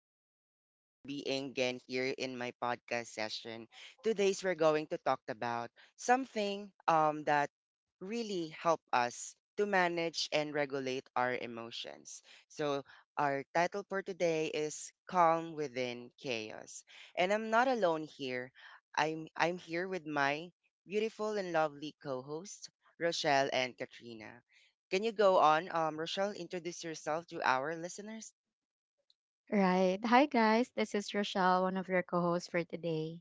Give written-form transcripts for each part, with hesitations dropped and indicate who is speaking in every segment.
Speaker 1: you so much for being again here in my podcast session. Today's we're going to talk about something that really help us to manage and regulate our emotions. So our title for today is Calm Within Chaos. And I'm not alone here. I'm here with my beautiful and lovely co-host, Rochelle and Katrina. Can you go on, Rochelle, introduce yourself to our listeners?
Speaker 2: Right. Hi, guys. This is Rochelle, one of your co hosts for today.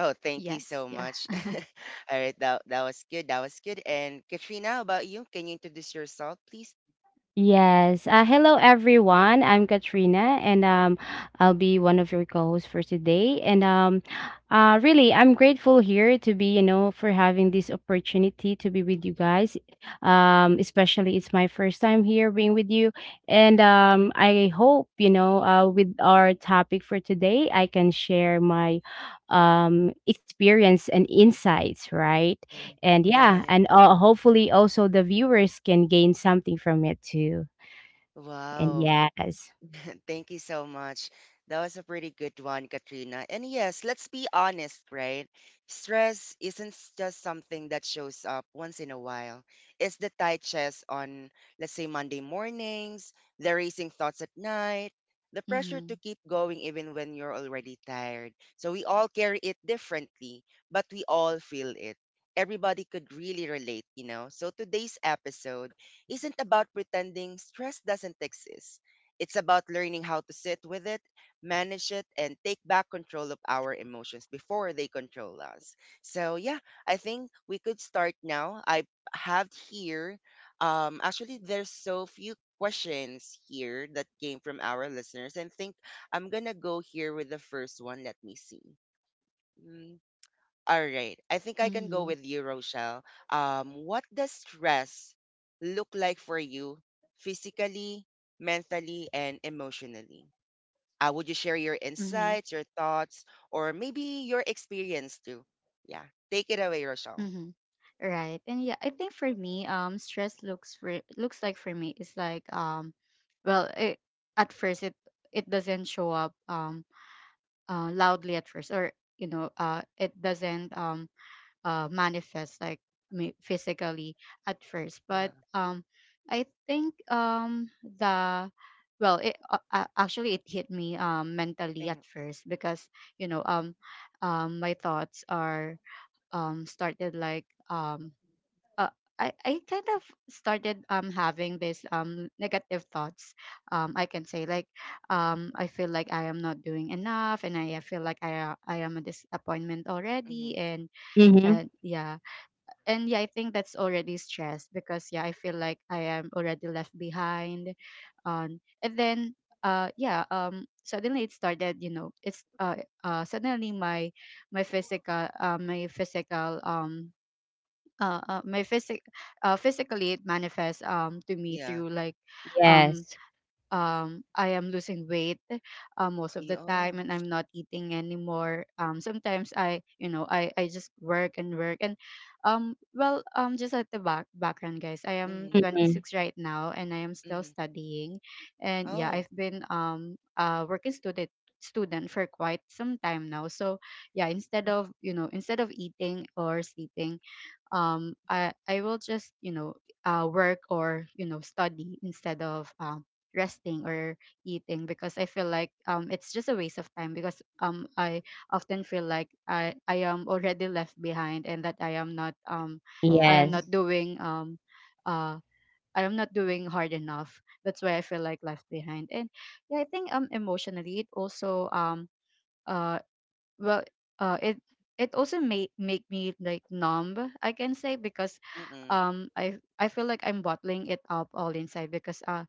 Speaker 1: Oh, thank you
Speaker 2: Yes.
Speaker 1: so
Speaker 2: Yeah.
Speaker 1: much. All right, that was good. That was good. And Katrina, how about you? Can you introduce yourself, please?
Speaker 3: Yes. Hello, everyone. I'm Katrina, and I'll be one of your co-hosts for today. And really, I'm grateful here to be, for having this opportunity to be with you guys. Especially it's my first time here being with you, and I hope with our topic for today, I can share my experience and insights, right?
Speaker 1: Yeah.
Speaker 3: And yeah,
Speaker 1: Right.
Speaker 3: and hopefully also the viewers can gain something from it too. And
Speaker 1: Wow.
Speaker 3: yes.
Speaker 1: Thank you so much. That was a pretty good one, Katrina. And yes, let's be honest, right? Stress isn't just something that shows up once in a while. It's the tight chest on, let's say, Monday mornings, the racing thoughts at night, the pressure
Speaker 2: Mm-hmm.
Speaker 1: to keep going even when you're already tired. So we all carry it differently, but we all feel it. Everybody could really relate, you know? So today's episode isn't about pretending stress doesn't exist. It's about learning how to sit with it, manage it, and take back control of our emotions before they control us. So, yeah, I think we could start now. I have here, actually, there's so few questions here that came from our listeners. And think I'm gonna go here with the first one. Let me see. Hmm. All right. I think I can go
Speaker 2: Mm-hmm.
Speaker 1: with you, Rochelle. What does stress look like for you physically, mentally, and emotionally? Would you share your
Speaker 2: Mm-hmm.
Speaker 1: insights, your thoughts, or maybe your experience too? Yeah. Take it away, Rochelle.
Speaker 2: Mm-hmm. Right. And yeah, I think for me, stress looks like for me is like well, it, at first it it doesn't show up loudly at first, or you know it doesn't manifest like physically at first but
Speaker 1: Yeah.
Speaker 2: I think the well it actually it hit me mentally
Speaker 1: Mm-hmm.
Speaker 2: at first because you know um my thoughts are started like uh, I kind of started having this negative thoughts. I can say, like, I feel like I am not doing enough, and I feel like I am a disappointment
Speaker 1: Mm-hmm.
Speaker 2: already,
Speaker 3: Mm-hmm.
Speaker 2: and yeah and yeah, I think that's already stress because yeah, I feel like I am already left behind. And then yeah suddenly it started, you know, it's suddenly my my physical my physic physically it manifests to me
Speaker 1: Yeah.
Speaker 2: through like um
Speaker 3: Yes.
Speaker 2: I am losing weight most of the
Speaker 1: Yeah.
Speaker 2: time,
Speaker 1: Oh.
Speaker 2: and I'm not eating anymore. Sometimes I, you know, I just work and work, and just at the back background, guys, I am
Speaker 1: Mm-hmm.
Speaker 3: Mm-hmm.
Speaker 2: 26 right now and I am still
Speaker 1: Mm-hmm.
Speaker 2: studying, and yeah,
Speaker 1: Oh.
Speaker 2: I've been a working student student for quite some time now. So yeah, instead of, you know, instead of eating or sleeping, I will just, you know, work or, you know, study instead of resting or eating, because I feel like it's just a waste of time, because I often feel like I am already left behind, and that I am
Speaker 3: Yes.
Speaker 2: not
Speaker 1: Oh.
Speaker 2: doing uh I am not doing hard enough. That's why I feel like left behind. And yeah, I think emotionally it also uh well it it also made make me like numb, I can say, because
Speaker 1: Mm-mm.
Speaker 2: I feel like I'm bottling it up all inside, because uh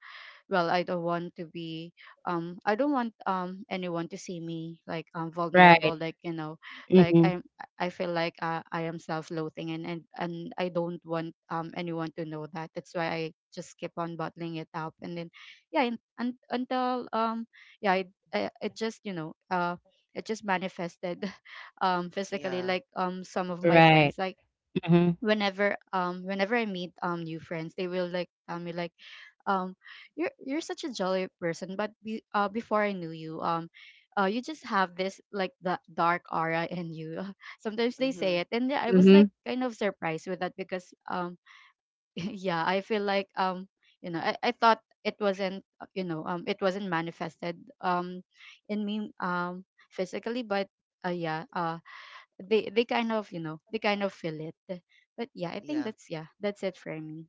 Speaker 2: well I don't want to be I don't want anyone to see me like vulnerable,
Speaker 3: Right.
Speaker 1: Mm.
Speaker 2: like, you know, like
Speaker 3: Mm-hmm.
Speaker 2: I'm, I feel like I am self-loathing, and I don't want anyone to know that. That's why I just keep on bottling it up. And then yeah, and until yeah, it just, you know, it just manifested physically.
Speaker 1: Yeah.
Speaker 2: Like some of my friends,
Speaker 3: Right.
Speaker 2: like,
Speaker 3: Mm-hmm.
Speaker 2: whenever I meet new friends, they will, like, tell me, like, um you're such a jolly person, but before I knew you, you just have this, like, the dark aura in you. Sometimes they
Speaker 1: Mm-hmm.
Speaker 2: say it, and yeah, I was like
Speaker 3: Mm-hmm.
Speaker 2: kind of surprised with that, because yeah, I feel like you know, I thought it wasn't, you know, it wasn't manifested in me physically, but yeah, they kind of, you know, they kind of feel it. But yeah, I think
Speaker 1: Yeah.
Speaker 2: that's, yeah, that's it for me.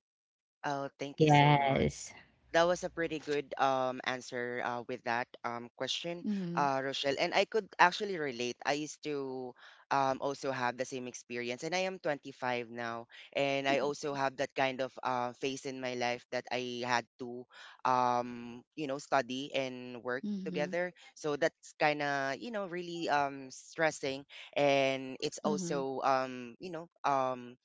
Speaker 1: Oh, thank you so much.
Speaker 3: Yes.
Speaker 1: That was a pretty good answer with that question,
Speaker 2: Mm-hmm.
Speaker 1: Rochelle. And I could actually relate. I used to also have the same experience, and I am 25 now, and I also have that kind of phase in my life that I had to you know study and work
Speaker 2: Mm-hmm.
Speaker 1: together. So that's kind of you know really stressing, and it's
Speaker 2: Mm-hmm.
Speaker 1: also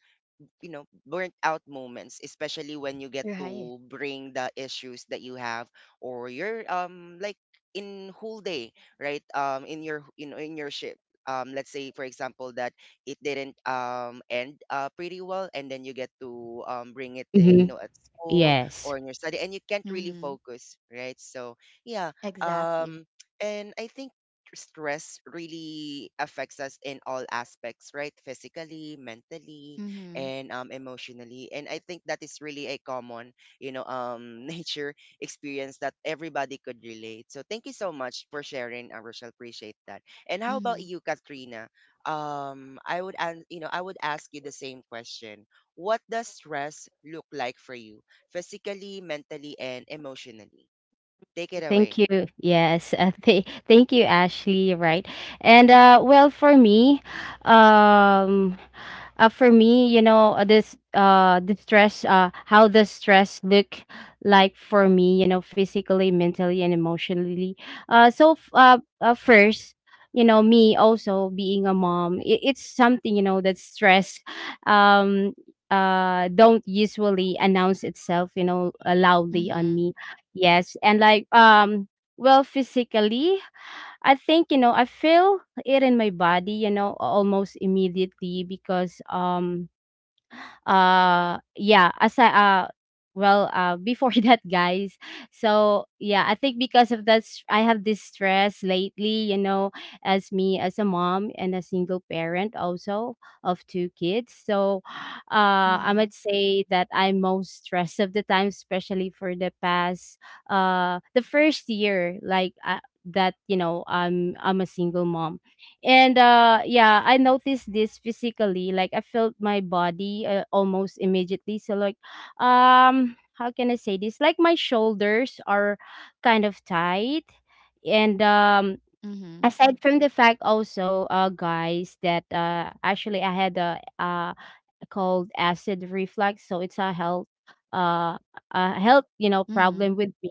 Speaker 1: you know, burnt out moments, especially when you get
Speaker 2: Right.
Speaker 1: to bring the issues that you have or your like in whole day, right? In your you know in your ship. Let's say for example that it didn't end pretty well and then you get to bring it you
Speaker 3: Mm-hmm.
Speaker 1: know at school
Speaker 3: Yes.
Speaker 1: or in your study and you can't really
Speaker 2: Mhm.
Speaker 1: focus, right? So yeah,
Speaker 2: Exactly.
Speaker 1: um and I think stress really affects us in all aspects, right? Physically, mentally,
Speaker 2: Mhm.
Speaker 1: and emotionally. And I think that is really a common, you know, nature experience that everybody could relate. So thank you so much for sharing, Rochelle. Appreciate that. And how about
Speaker 2: Mhm.
Speaker 1: you, Katrina? I would, you know, I would ask you the same question. What does stress look like for you, physically, mentally, and emotionally? Take it
Speaker 3: Thank
Speaker 1: away.
Speaker 3: you. Yes. Thank you, Ashley. Right. And well, um, for me, this the stress, how does stress look like for me? You know, physically, mentally, and emotionally. So, first, me also being a mom, it's something that stress, um, don't usually announce itself, loudly on
Speaker 2: Mhm.
Speaker 3: me. Yes, and well, physically, I think I feel it in my body, almost immediately because yeah, aside well before that, guys. So yeah, I think because of that I have this stress lately, as me as a mom and a single parent also of two kids, so I
Speaker 2: Mhm.
Speaker 3: might say that I'm most stressed of the time, especially for the past the first year, that I'm a single mom. And yeah, I noticed this physically, like I felt my body almost immediately. So, how can I say this? Like, my shoulders are kind of tight, and
Speaker 2: Mhm.
Speaker 3: aside from the fact also, guys, that actually I had a called acid reflux. So it's a health uh a health,
Speaker 2: Mhm.
Speaker 3: problem with me,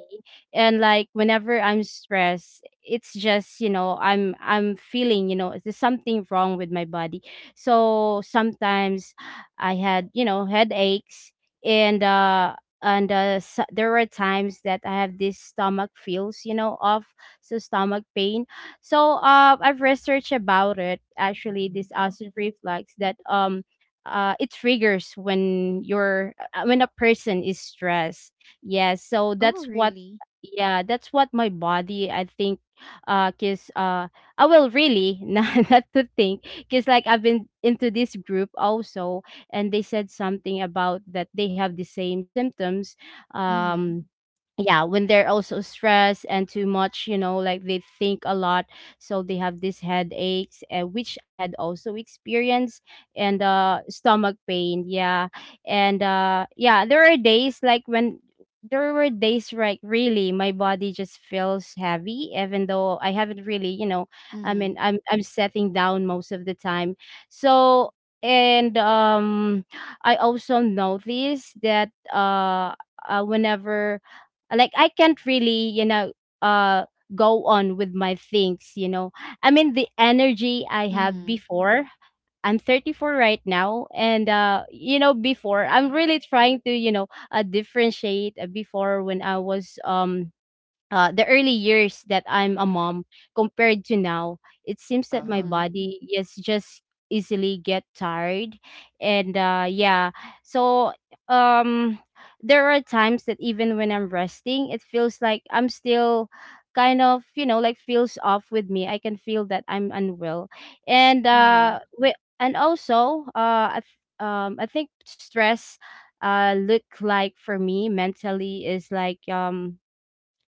Speaker 3: and like whenever I'm stressed, it's just, I'm feeling, there's something wrong with my body. So sometimes I had, headaches, and and s there were times that I have these stomach feels, you know, of so stomach pain. So I've researched about it actually, this acid reflux, that it triggers when you're when a person is stressed. Yeah, so
Speaker 2: Oh,
Speaker 3: that's what,
Speaker 2: really?
Speaker 3: yeah, that's what my body, I think, cause I will really not to think, cause like I've been into this group also, and they said something about that they have the same symptoms.
Speaker 2: Mhm.
Speaker 3: um yeah, when they're also stressed and too much, you know, like they think a lot, so they have these headaches, which I had also experienced, and stomach pain, yeah. And yeah, there are days like when, there were days like really my body just feels heavy even though I haven't really, you know, I
Speaker 2: Mhm.
Speaker 3: mean, I'm setting down most of the time, so. And I also notice that, whenever, like I can't really, you know, uh go on with my things, you know, I mean the energy I have
Speaker 2: Mhm.
Speaker 3: before. I'm 34 right now, and you know, before I'm really trying to, you know, differentiate, before, when I was, the early years that I'm a mom compared to now, it seems
Speaker 1: Uh
Speaker 3: that my
Speaker 1: huh.
Speaker 2: Mhm.
Speaker 3: body is just easily get tired. And yeah, so um there are times that even when I'm resting, it feels like I'm still kind of, you know, like feels off with me, I can feel that I'm unwell. and uh
Speaker 2: Mhm.
Speaker 3: we, and also, I think stress look like for me mentally is like,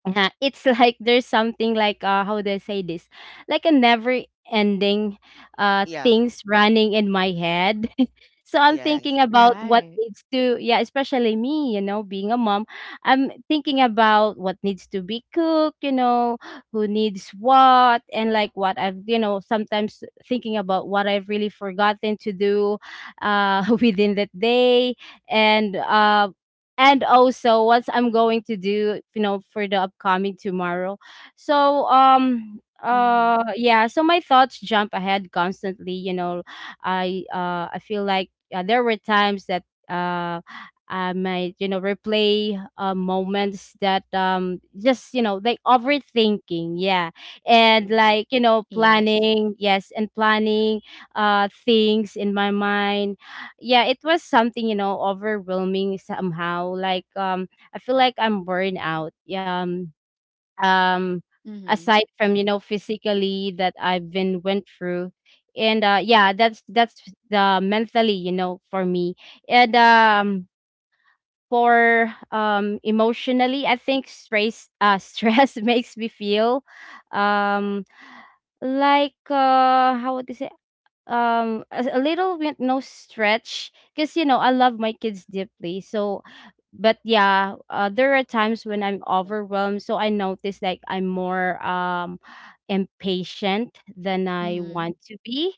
Speaker 3: yeah, it's like there's something like, how do I say this? Like a never ending
Speaker 1: Yeah.
Speaker 3: things running in my head. So I'm
Speaker 1: Yes.
Speaker 3: thinking about what
Speaker 2: Right.
Speaker 3: needs to, yeah, especially me, you know, being a mom. I'm thinking about what needs to be cooked, you know, who needs what, and like what I've, you know, sometimes thinking about what I've really forgotten to do within that day, and and also what I'm going to do, you know, for the upcoming tomorrow. So um
Speaker 2: Mhm.
Speaker 3: uh yeah, so my thoughts jump ahead constantly, you know. I feel like, there were times that uh I might, you know, replay moments that, just, you know, like overthinking, yeah. And
Speaker 1: Mm-hmm.
Speaker 3: like, you know,
Speaker 2: Yes.
Speaker 3: planning, yes, and planning things in my mind. Yeah, it was something, you know, overwhelming somehow. Like, I feel like I'm burned out. Yeah. Um,
Speaker 2: Mhm.
Speaker 3: aside from, you know, physically that I've been went through. And yeah, that's the mentally, you know, for me. And for emotionally, I think stress, stress makes me feel, um like, how would I say, a little bit no stretch because, you know, I love my kids deeply, so. But yeah, there are times when I'm
Speaker 1: Yeah.
Speaker 3: overwhelmed, so I notice like I'm more, impatient than I
Speaker 2: Mhm.
Speaker 3: want to be.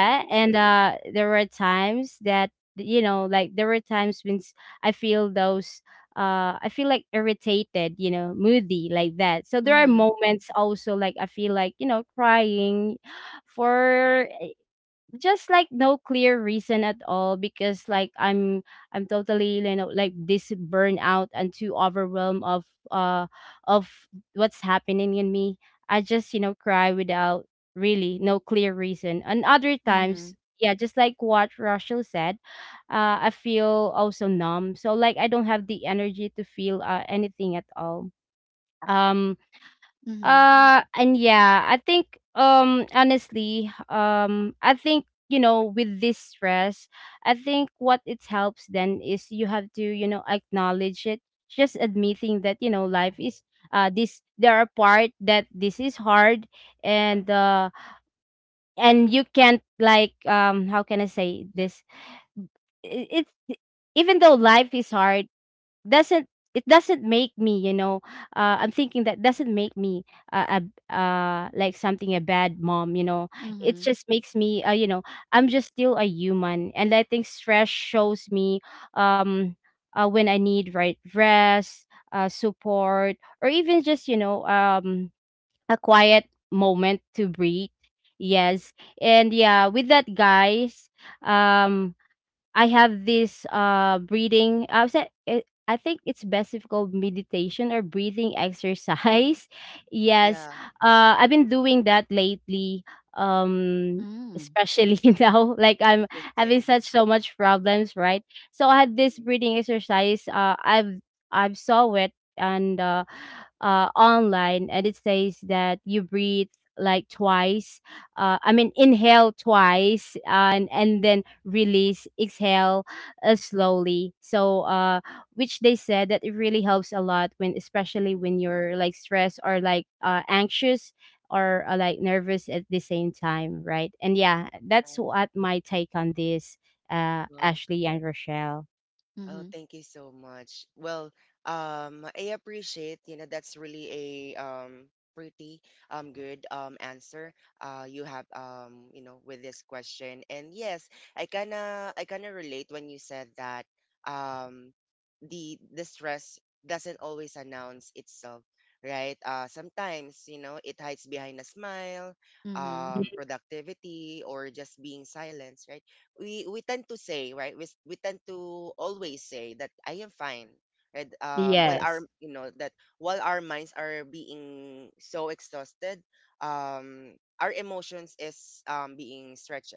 Speaker 1: Mm-hmm.
Speaker 3: and there were times that, you know, like there were times when I feel those, I feel like irritated, you know, moody like that. So there are
Speaker 2: Mhm.
Speaker 3: moments also like I feel like, you know, crying for just like no clear reason at all, because like I'm totally, you know, like this burnout and too overwhelmed of, uh of what's happening in me. I just, you know, cry without really no clear reason, and other times,
Speaker 2: Mhm.
Speaker 3: yeah, just like what Rachel said, I feel also numb, so like I don't have the energy to feel, anything at all. um
Speaker 2: Mhm.
Speaker 3: and yeah, I think, honestly, I think, you know, with this stress, I think what it helps then is you have to, you know, acknowledge it, just admitting that, you know, life is, this there are part that this is hard, and and you can't like, how can I say
Speaker 1: Yeah.
Speaker 3: this? It's, even though life is hard, doesn't it doesn't make me, you know, I'm thinking that doesn't make me, a like something a bad mom, you know. It
Speaker 2: Mhm.
Speaker 3: just makes me, you know, I'm just still a human. And I think stress shows me, um when I need right rest, support, or even just, you know, a quiet moment to breathe. Yes. And yeah, with that, guys, um I have this breathing. I said, I think it's best if called meditation or breathing
Speaker 1: Mm-hmm.
Speaker 3: exercise. Yes,
Speaker 1: Yeah.
Speaker 3: I've been doing that lately. Um,
Speaker 2: Mm.
Speaker 3: Especially now, like I'm having
Speaker 1: Interesting.
Speaker 3: such so much problems, right? So I had this
Speaker 1: Mm-hmm.
Speaker 3: breathing exercise. I've saw it, and online, and it says that you breathe like twice, I mean, inhale twice, and then release, exhale slowly. So, which they said that it really helps a lot when, especially when you're like stressed or like, anxious, or like nervous at the same time, right? And yeah, that's
Speaker 1: Mm-hmm.
Speaker 3: what my take on this,
Speaker 1: Right.
Speaker 3: Ashley and Rochelle.
Speaker 1: Oh,
Speaker 2: Mhm.
Speaker 1: thank you so much. Well, I appreciate, you know, that's really a pretty good answer you have you know with this question. And yes, I kinda relate when you said that um the stress doesn't always announce itself, right? Sometimes, you know, it hides behind a smile,
Speaker 2: Mhm.
Speaker 3: Mhm.
Speaker 1: productivity or just being silence, right? We tend to say right we, we tend to always say that I am fine right while
Speaker 3: Yes,
Speaker 1: our you know that while our minds are being so exhausted um our emotions is being stretched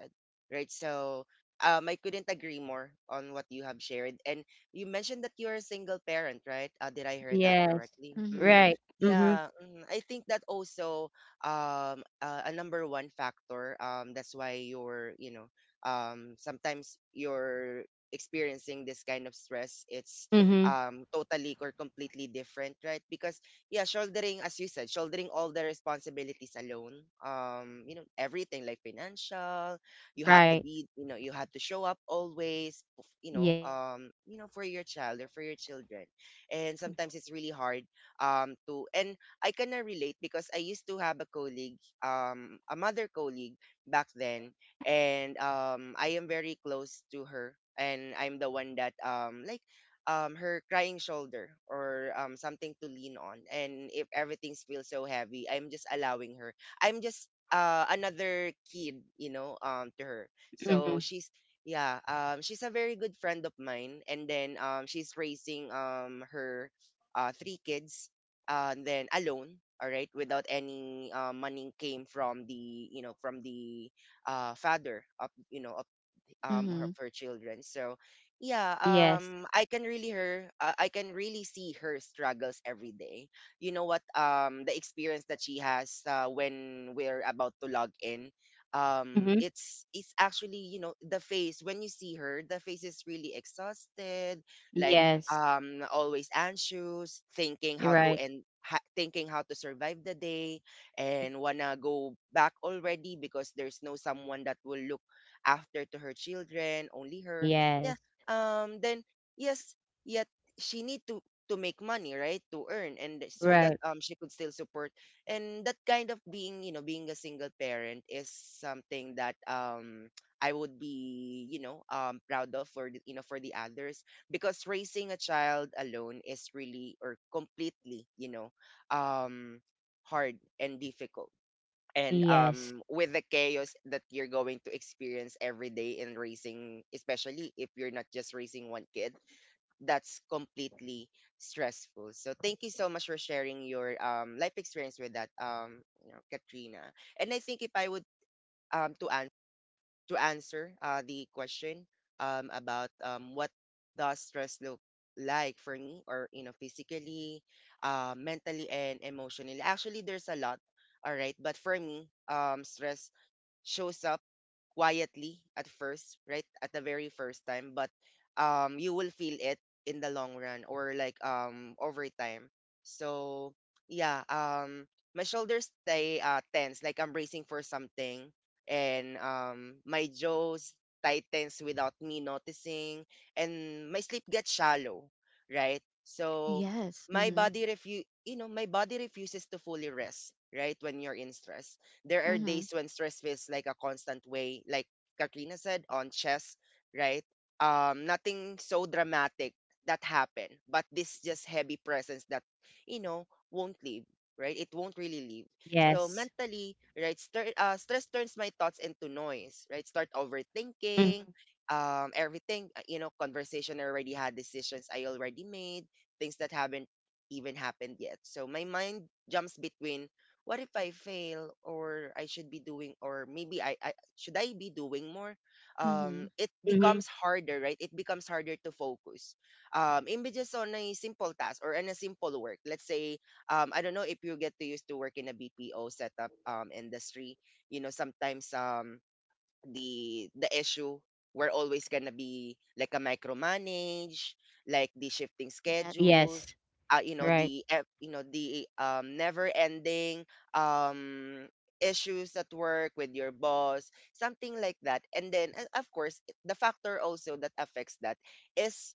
Speaker 1: right so I couldn't agree more on what you have shared, and you mentioned that you're a single parent right, did I hear that
Speaker 3: yes,
Speaker 1: correctly? Mm-hmm.
Speaker 2: Mhm.
Speaker 3: right. Mm-hmm.
Speaker 1: Yeah. Mhm. I think that also a number one factor that's why you're you know sometimes you're experiencing this kind of stress it's
Speaker 3: Mm-hmm.
Speaker 1: totally or completely different right because yeah shouldering, as you said, shouldering all the responsibilities alone, you know everything like financial, you have to
Speaker 3: Right.
Speaker 1: be you know you have to show up always
Speaker 3: Yes.
Speaker 1: you know for your child or for your children, and sometimes it's really hard to and I kind of relate because I used to have a colleague, a mother colleague back then,
Speaker 3: Mm-hmm.
Speaker 1: and I am very close to her and I'm the one that like her crying shoulder or something to lean on, and if everything feels so heavy I'm just allowing her, I'm just another kid you know to her.
Speaker 3: Mm-hmm.
Speaker 1: So she's yeah, she's a very good friend of mine, and then she's raising her three kids, and then alone, all right, without any money came from the you know from the father up you know her, of
Speaker 2: Mhm.
Speaker 1: her children. So yeah,
Speaker 3: Yes.
Speaker 1: I can really her I can really see her struggles every day. You know what the experience that she has when we're about to log in,
Speaker 3: Mm-hmm.
Speaker 1: it's actually you know the face when you see her the face is really exhausted, like
Speaker 3: Yes.
Speaker 1: always anxious, thinking
Speaker 3: You're
Speaker 1: how to
Speaker 3: right.
Speaker 1: end thinking how to survive the day and wanna go back already because there's no someone that will look after to her children, only her.
Speaker 3: Yes.
Speaker 1: Yeah. Then yes, yet she need to make money, right? To earn and so
Speaker 3: Right.
Speaker 1: that she could still support. And that kind of being, you know, being a single parent is something that I would be, you know, proud of for the, you know, for the others, because raising a child alone is really or completely, you know, um hard and difficult, and
Speaker 3: Yes.
Speaker 1: with the chaos that you're going to experience every day in racing, especially if you're not just racing one kid, that's completely stressful. So thank you so much for sharing your life experience with that, you know, Katrina. And I think if I would to to answer the question about what does stress look like for me, or you know, physically, mentally, and emotionally. Actually there's a lot, all right, but for me stress shows up quietly at first, right? At the very first time, but you will feel it in the long run or like over time. So yeah, my shoulders stay tense, like I'm bracing for something, and my jaws tightens without me noticing, and my sleep gets shallow, right? So
Speaker 2: Yes.
Speaker 1: my
Speaker 2: Mhm.
Speaker 1: body refu you know, my body refuses to fully rest, right? When you're in stress. There are
Speaker 2: Mhm.
Speaker 1: days when stress feels like a constant way, like Katrina said on chess, right? Nothing so dramatic that happened, but this just heavy presence that, you know, won't leave, right? It won't really leave. So
Speaker 3: Yes.
Speaker 1: mentally, right, stress turns my thoughts into noise, right? Start
Speaker 3: Mhm.
Speaker 1: overthinking, everything, you know, conversation I already had, decisions I already made, things that haven't even happened yet. So my mind jumps between what if I fail, or I should be doing, or maybe I should I be doing more?
Speaker 2: Mhm.
Speaker 1: It
Speaker 3: Mhm.
Speaker 1: becomes harder, right? It becomes harder to focus. Even just on a simple task or on a simple work. Let's say, I don't know if you get to used to work in a BPO setup industry. You know, sometimes the issue we're always gonna be like a micromanage, like the shifting
Speaker 2: Yes.
Speaker 1: schedules,
Speaker 3: Yes.
Speaker 1: you know
Speaker 3: Right.
Speaker 1: the ev- you know the never ending um issues at work with your boss, something like that. And then of course the factor also that affects that is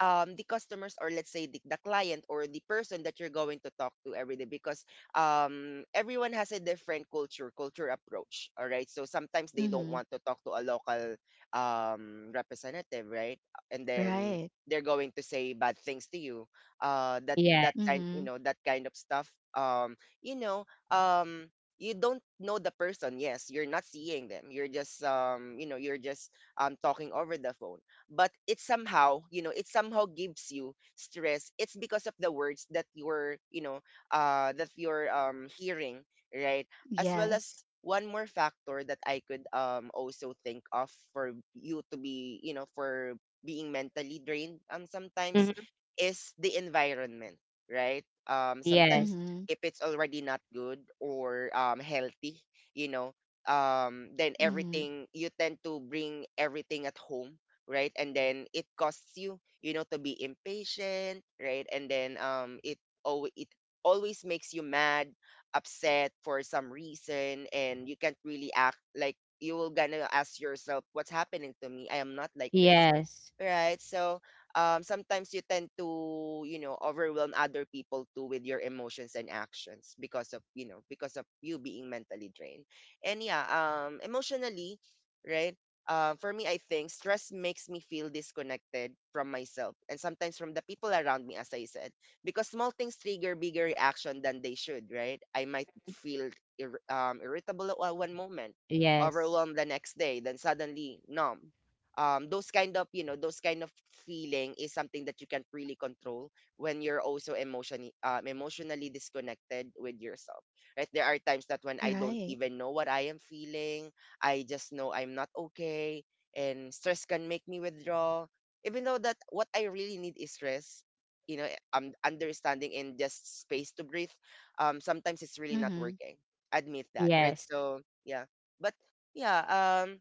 Speaker 1: the customers, or let's say the client or the person that you're going to talk to every day, because everyone has a different culture approach. All right, so sometimes they don't
Speaker 2: Mhm.
Speaker 1: want to talk to a local representative, right? And then
Speaker 2: Right.
Speaker 1: they're going to say bad things to you,
Speaker 3: Yes.
Speaker 2: Mhm.
Speaker 1: that kind of stuff. You know um you don't know the person. Yes, you're not seeing them. You're just, talking over the phone, but it somehow, you know, it somehow gives you stress. It's because of the words that you're, that you're hearing, right? As well as
Speaker 2: Yes.
Speaker 1: one more factor that I could also think of for you to be, you know, for being mentally drained sometimes,
Speaker 3: Mhm.
Speaker 1: is the environment, right? Sometimes
Speaker 3: Yes.
Speaker 2: Mhm.
Speaker 1: if it's already not good or healthy, you know then
Speaker 2: Mhm.
Speaker 1: everything you tend to bring everything at home, right? And then it costs you, you know, to be impatient, right? And then it always makes you mad, upset for some reason. And you can't really act, like you will gonna ask yourself, what's happening to me? I am not like this.
Speaker 3: Yes.
Speaker 1: Right. So sometimes you tend to, you know, overwhelm other people too with your emotions and actions because of, you know, because of you being mentally drained. And yeah, emotionally, right? For me, I think stress makes me feel disconnected from myself and sometimes from the people around me, as I said, because small things trigger bigger reaction than they should, right? I might feel irritable at one moment,
Speaker 3: Yes.
Speaker 1: overwhelmed the next day, then suddenly numb. Those kind of feeling is something that you can't really control when you're also emotionally emotionally disconnected with yourself, right? There are times that when I don't
Speaker 2: Right.
Speaker 1: even know what I am feeling, I just know I'm not okay. And stress can make me withdraw even though that what I really need is rest, you know, I'm understanding and just space to breathe. Sometimes it's really not
Speaker 2: Mhm.
Speaker 1: working, admit that, right?
Speaker 3: Yes.
Speaker 1: So yeah. But yeah.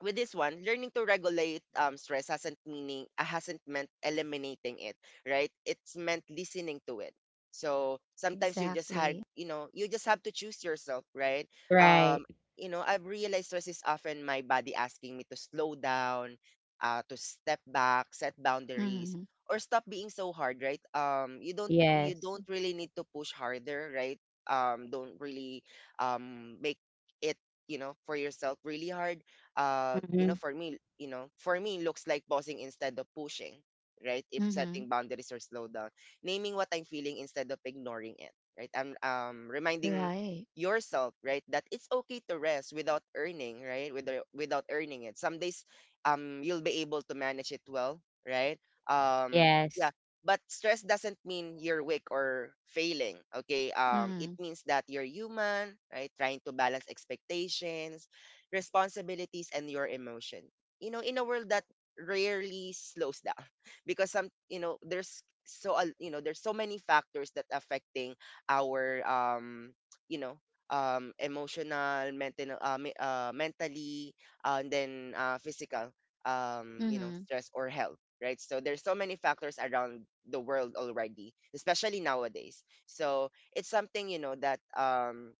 Speaker 1: With this one, learning to regulate stress hasn't meant eliminating it, right? It's meant listening to it. So sometimes you just have,
Speaker 2: Exactly.
Speaker 1: you know, you just have to choose yourself, right?
Speaker 3: Right.
Speaker 1: Um, you know, I've realized stress is often my body asking me to slow down, to step back, set boundaries,
Speaker 2: Mhm.
Speaker 1: or stop being so hard, right? You don't, you
Speaker 3: Yes.
Speaker 1: don't really need to push harder, right? Don't really make it, you know, for yourself really hard. You
Speaker 3: Mhm.
Speaker 1: know, for me, you know, for me, looks like pausing instead of pushing, right? If setting
Speaker 2: Mhm.
Speaker 1: boundaries or slow down, naming what I'm feeling instead of ignoring it, right? I'm reminding
Speaker 2: Right.
Speaker 1: yourself, right, that it's okay to rest without earning, right? Without earning it. Some days, you'll be able to manage it well, right?
Speaker 3: Yes.
Speaker 1: Yeah. But stress doesn't mean you're weak or failing, okay? It
Speaker 2: Mhm.
Speaker 1: means that you're human, right? Trying to balance expectations, responsibilities, and your emotion. You know, in a world that rarely slows down because some you know there's so al- you know there's so many factors that affecting our you know emotional, mental, mentally, and then physical,
Speaker 2: Mhm.
Speaker 1: stress or health, right? So there's so many factors around the world already, especially nowadays. So it's something, you know, that um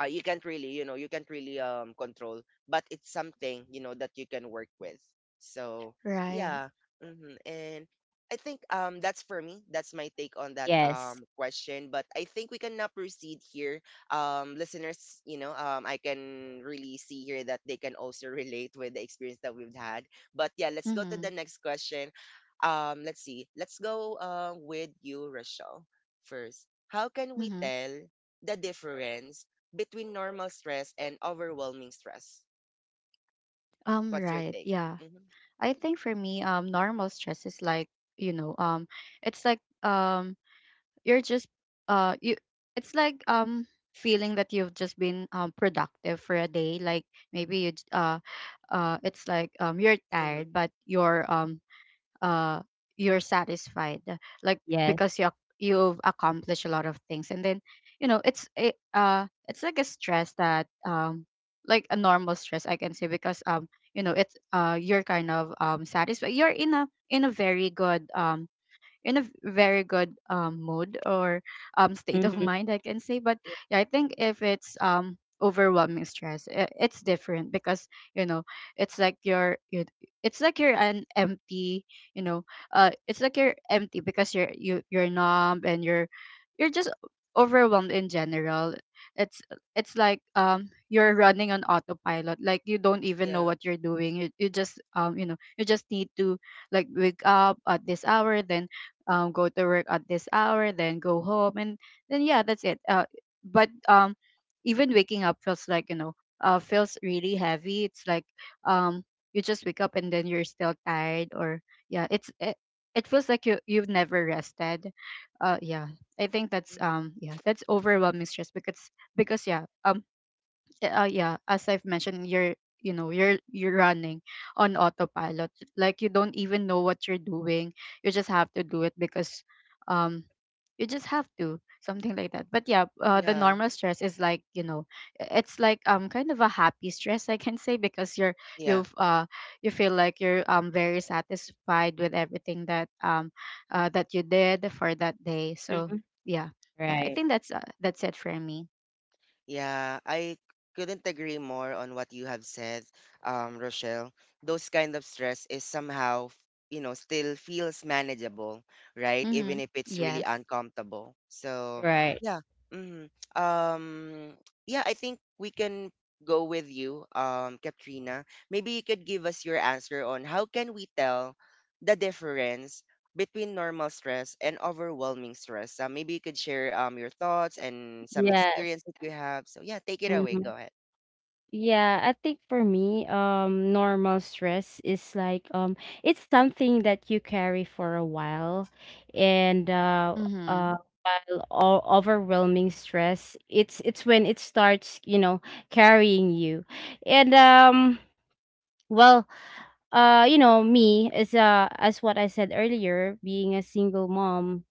Speaker 1: uh, you can't really, you know, you can't really control, but it's something, you know, that you can work with. So
Speaker 2: Right.
Speaker 1: yeah. And I think that's, for me, that's my take on that
Speaker 3: Yes.
Speaker 1: question. But I think we can now proceed here. Listeners, you know, I can really see here that they can also relate with the experience that we've had. But yeah, let's go to the
Speaker 2: Mhm.
Speaker 1: next question. Let's see, let's go with you, Rochelle, first. How can we
Speaker 2: Mhm.
Speaker 1: tell the difference between normal stress and overwhelming stress? What's your
Speaker 2: Right.
Speaker 1: take?
Speaker 2: Yeah.
Speaker 1: Mm-hmm.
Speaker 2: I think for me normal stress is like, you know, it's like, you're just you it's like, feeling that you've just been productive for a day. Like, maybe you j- uh it's like, you're tired
Speaker 1: Mm-hmm.
Speaker 2: but your uh you're satisfied, like,
Speaker 3: Yes.
Speaker 2: because you've accomplished a lot of things. And then, you know, it's a, it's like a stress that like a normal stress, I can say, because you know, it's you're kind of satisfied, you're in a, in a very good very good mood, or state of
Speaker 3: Mhm.
Speaker 2: mind, I can say. But
Speaker 1: Yeah.
Speaker 2: yeah, I think if it's overwhelming stress, it's different because, you know, it's like you're you it's like you're an empty, you know, it's like you're empty, because you're numb, and you're just overwhelmed in general. it's it's like, you're running on autopilot. Like, you don't even know
Speaker 1: Yeah.
Speaker 2: what you're doing. You just, you know, you just need to, like, wake up at this hour, then go to work at this hour, then go home, and then yeah, that's it. But even waking up feels like, you know, feels really heavy. It's like, um, you just wake up, and then you're still tired. Or yeah, it's it feels like you've never rested. Yeah, I think that's
Speaker 1: Mm-hmm.
Speaker 2: yeah, that's overwhelming stress. Because yeah, yeah, as I've mentioned, you know, you're running on autopilot. Like, you don't even know what you're doing. You just have to do it because um you just have to, something like that. But yeah, the
Speaker 1: Yeah.
Speaker 2: normal stress is like, you know, it's like, kind of a happy stress, I can say, because
Speaker 1: Yeah.
Speaker 2: you've uh you feel like you're very satisfied with everything that that you did for that day. So
Speaker 3: Mhm.
Speaker 2: yeah, yeah, I
Speaker 3: Right.
Speaker 2: think that's it for me.
Speaker 1: Yeah, I couldn't agree more on what you have said, Rochelle. Those kind of stress is somehow, you know, still feels manageable, right? Even
Speaker 2: Mm-hmm.
Speaker 1: if it's really
Speaker 2: Yes.
Speaker 1: uncomfortable. So,
Speaker 3: Right.
Speaker 1: yeah. hmm Um, yeah, I think we can go with you, Katrina. Maybe you could give us your answer on how can we tell the difference between normal stress and overwhelming stress. Maybe you could share your thoughts and some experience
Speaker 3: Yes.
Speaker 1: that you have. So yeah, take it away. Go
Speaker 3: Mhm.
Speaker 1: ahead.
Speaker 3: Yeah, I think for me, normal stress is like, it's something that you carry for a while, and
Speaker 2: Mhm.
Speaker 3: uh, while overwhelming stress, it's when it starts, you know, carrying you, and well, you know, me as what I said earlier, being a single mom,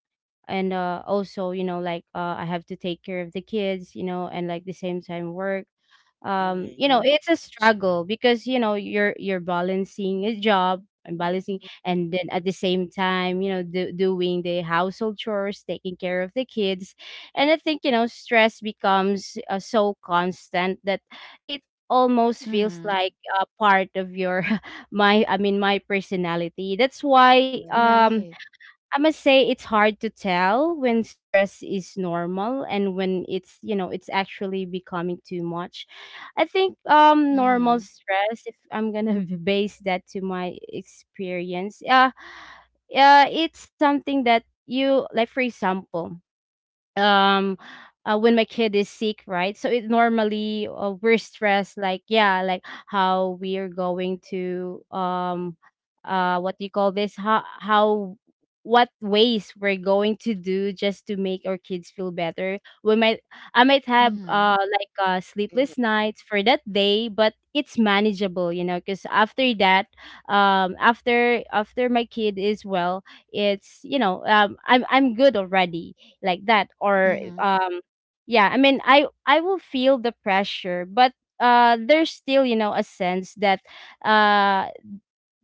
Speaker 3: and also, you know, like, I have to take care of the kids, you know, and like the same time work.
Speaker 1: Mm-hmm.
Speaker 3: You know,
Speaker 2: Mm.
Speaker 3: it's a struggle because, you know, you're balancing a job and balancing, and then at the same time, you know, doing the household chores, taking care of the kids. And I think, you know, stress becomes, so constant that it almost feels
Speaker 2: Mhm.
Speaker 3: like a part of your my personality. That's why,
Speaker 1: Yeah.
Speaker 2: Right.
Speaker 3: I must say it's hard to tell when stress is normal and when it's, you know, it's actually becoming too much. I think normal
Speaker 2: Mhm.
Speaker 3: stress, if I'm gonna base that to my experience, it's something that you, like, for example, um when my kid is sick, right? So it normally, we're stressed, like, yeah, like how we are going to, what do you call this, how what ways we're going to do just to make our kids feel better. We might i might have
Speaker 2: Mhm.
Speaker 3: like
Speaker 1: Mm-hmm.
Speaker 3: sleepless nights for that day, but it's manageable, you know, because after that, after my kid is well, it's, you know, I'm good already, like that. Or
Speaker 2: Mhm.
Speaker 3: yeah, I mean, I will feel the pressure, but there's still, you know, a sense that, uh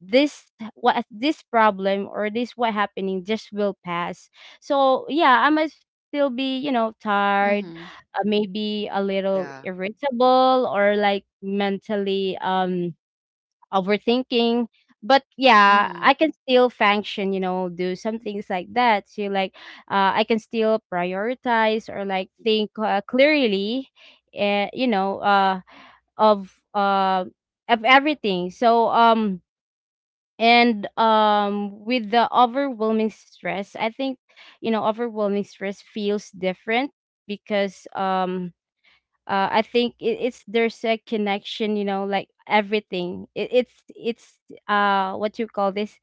Speaker 3: this this problem, or this what happening, just will pass. So yeah, I might still be, you know, tired,
Speaker 2: Mhm.
Speaker 3: maybe a little
Speaker 1: Yeah.
Speaker 3: irritable, or like mentally overthinking. But yeah,
Speaker 2: Mhm.
Speaker 3: I can still function, you know, do some things like that. So, like, I can still prioritize, or like think, clearly, uh, you know, uh, of uh, of everything. So, and with the overwhelming stress, I think, you know, overwhelming stress feels different because, I think it, it's there's a connection, you know, like, everything. It's what you call this?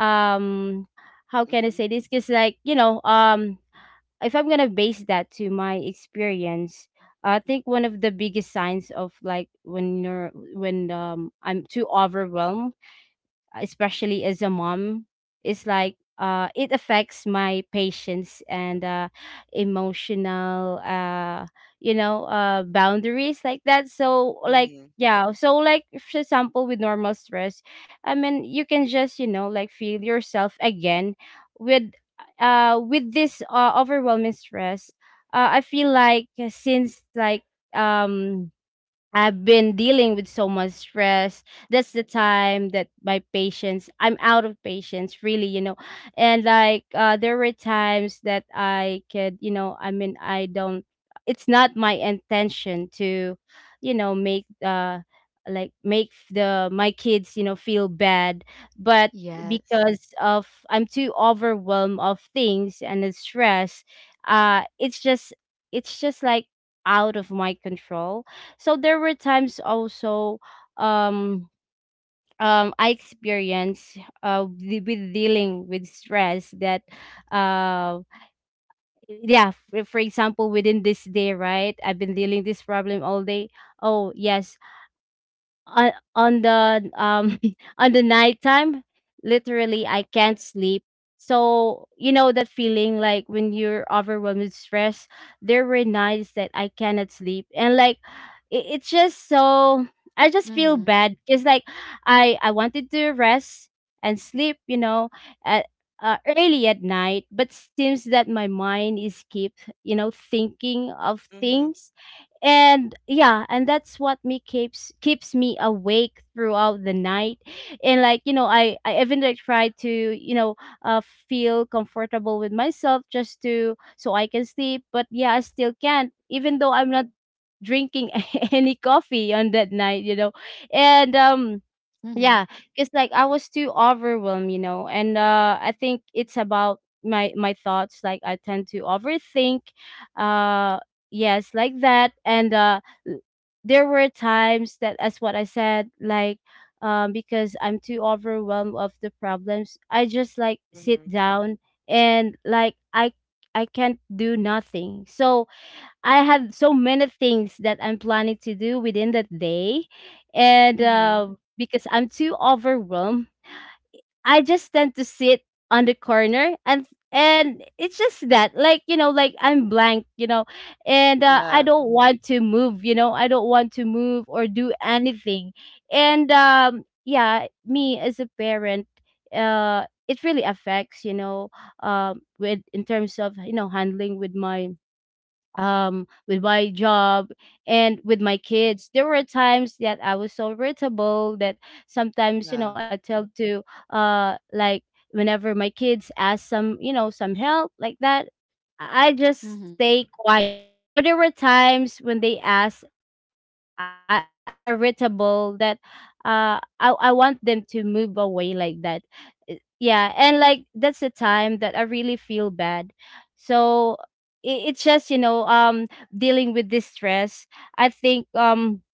Speaker 3: Um, how can I
Speaker 1: Mm-hmm.
Speaker 3: say this? Because, like, you know, if I'm gonna base that to my experience, I think one of the biggest signs of, like, when I'm too overwhelmed, especially as a mom, is, like, it affects my patience and emotional, boundaries, like that. So, like,
Speaker 1: Mm-hmm.
Speaker 3: yeah, so, like, for example, with normal stress, I mean, you can just, you know, like, feel yourself again. With, this overwhelming stress, I feel like, since like um I've been dealing with so much stress. That's the time that my patience, I'm out of patience, really, you know. And, like, there were times that I could, you know, I mean, I don't, it's not my intention to, you know, make, like, make the my kids, you know, feel bad, but
Speaker 2: Yes.
Speaker 3: because of I'm too overwhelmed of things and the stress, uh it's just it's just like, out of my control. So there were times also, um I experienced, with dealing with stress that, uh yeah, for example, within this day, right, I've been dealing this problem all day. Oh yes, on the on the nighttime, literally I can't sleep. So, you know, that feeling, like, when you're overwhelmed with stress, there were nights that I cannot sleep, and, like, it's just so, I just feel
Speaker 2: Mhm.
Speaker 3: bad. It's like, I wanted to rest and sleep, you know, at, early at night, but seems that my mind is keep, you know, thinking of
Speaker 1: Mm-hmm.
Speaker 3: things, and yeah, and that's what me keeps keeps me awake throughout the night. And, like, you know, I even, like, try to, you know, uh feel comfortable with myself just to, so I can sleep, but yeah, I still can't, even though I'm not drinking any coffee on that night, you know. And
Speaker 2: Mhm.
Speaker 3: yeah, because, like, I was too overwhelmed, you know, and I think it's about my thoughts, like, I tend to overthink, uh yes, like that. And l- there were times that, as what I said, like, because I'm too overwhelmed of the problems, I just, like, sit
Speaker 1: Mm-hmm.
Speaker 3: down, and, like, I can't do nothing. So, I had so many things that I'm planning to do within that day. And,
Speaker 2: Mhm.
Speaker 3: because I'm too overwhelmed, I just tend to sit on the corner, and it's just that, like, you know, like, I'm blank, you know. And, I
Speaker 1: Yeah.
Speaker 3: don't want to move, you know, I don't want to move or do anything. And yeah, me as a parent, it really affects, you know, with in terms of, you know, handling with my, with my job, and with my kids. There were times that I was so irritable that sometimes, you know,
Speaker 1: Yeah.
Speaker 3: I tell to, like, whenever my kids ask some, you know, some help, like that, I just
Speaker 2: Mhm.
Speaker 3: stay quiet. Or there were times when they asked, I got too irritable that, I want them to move away, like that. Yeah, and, like, that's the time that I really feel bad. So, it's just, you know, dealing with this stress. i think um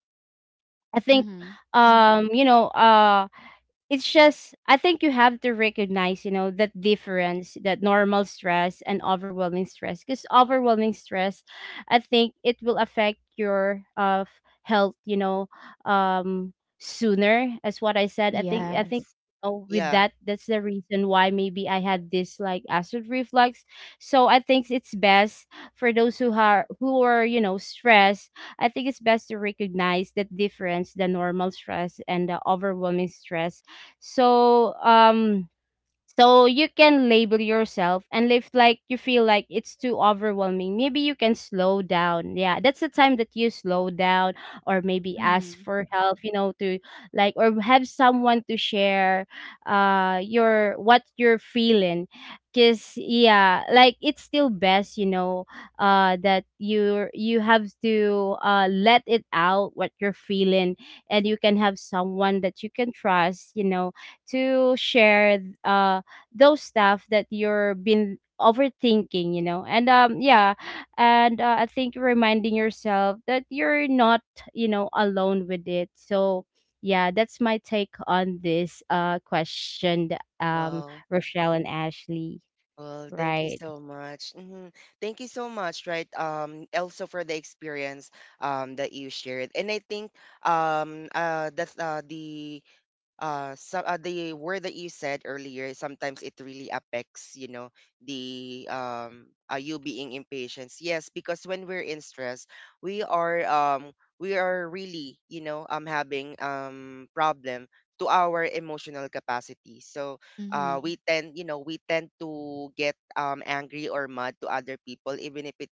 Speaker 3: I think
Speaker 2: Mhm.
Speaker 3: You know, it's just, I think you have to recognize, you know, that difference, that normal stress and overwhelming stress. Because overwhelming stress, I think it will affect your health, you know, um sooner. As what I said, I think
Speaker 2: Yes.
Speaker 3: oh, with
Speaker 1: Yeah.
Speaker 3: that, that's the reason why maybe I had this, like, acid reflux. So I think it's best for those who are, you know, stressed. I think it's best to recognize that difference, the normal stress and the overwhelming stress, so, um, so you can label yourself, and if, like, you feel like it's too overwhelming, maybe you can slow down. Yeah, that's the time that you slow down, or maybe ask
Speaker 2: Mhm.
Speaker 3: for help, you know, to, like, or have someone to share your, what you're feeling. 'Cause yeah, like, it's still best, you know, that you have to let it out what you're feeling, and you can have someone that you can trust, you know, to share those stuff that you're been overthinking, you know. And yeah, and I think, reminding yourself that you're not, you know, alone with it. So yeah, that's my take on this question, um
Speaker 1: Well.
Speaker 3: Rochelle and Ashley.
Speaker 1: Well, thank you
Speaker 3: Right.
Speaker 1: so much. Thank you so much, right? Also for the experience that you shared. And I think that's the word that you said earlier, sometimes it really affects, you know, the are you being impatient. Yes, because when we're in stress, we are um we are really, you know, having problem to our emotional capacity. So
Speaker 2: Mhm.
Speaker 1: we tend, you know, we tend to get angry or mad to other people even if it's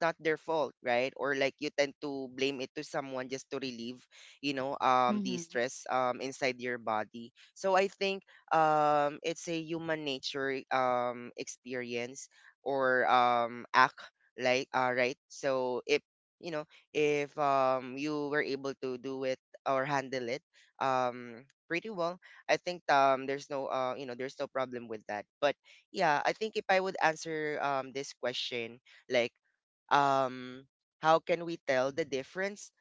Speaker 1: not their fault, right? Or like you tend to blame it to someone just to relieve, you know, the
Speaker 2: Mhm.
Speaker 1: stress inside your body. So I think it's a human nature experience or act like, right? So if, you know, if you were able to do it or handle it pretty well, I think there's no there's no problem with that. But yeah, I think if I would answer this question, like, um how can we tell the difference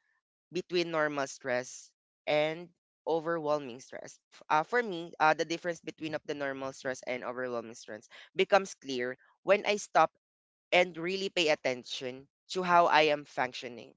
Speaker 1: between normal stress and overwhelming stress. For me, the difference between of the normal stress and overwhelming stress becomes clear when I stop and really pay attention to how I am functioning,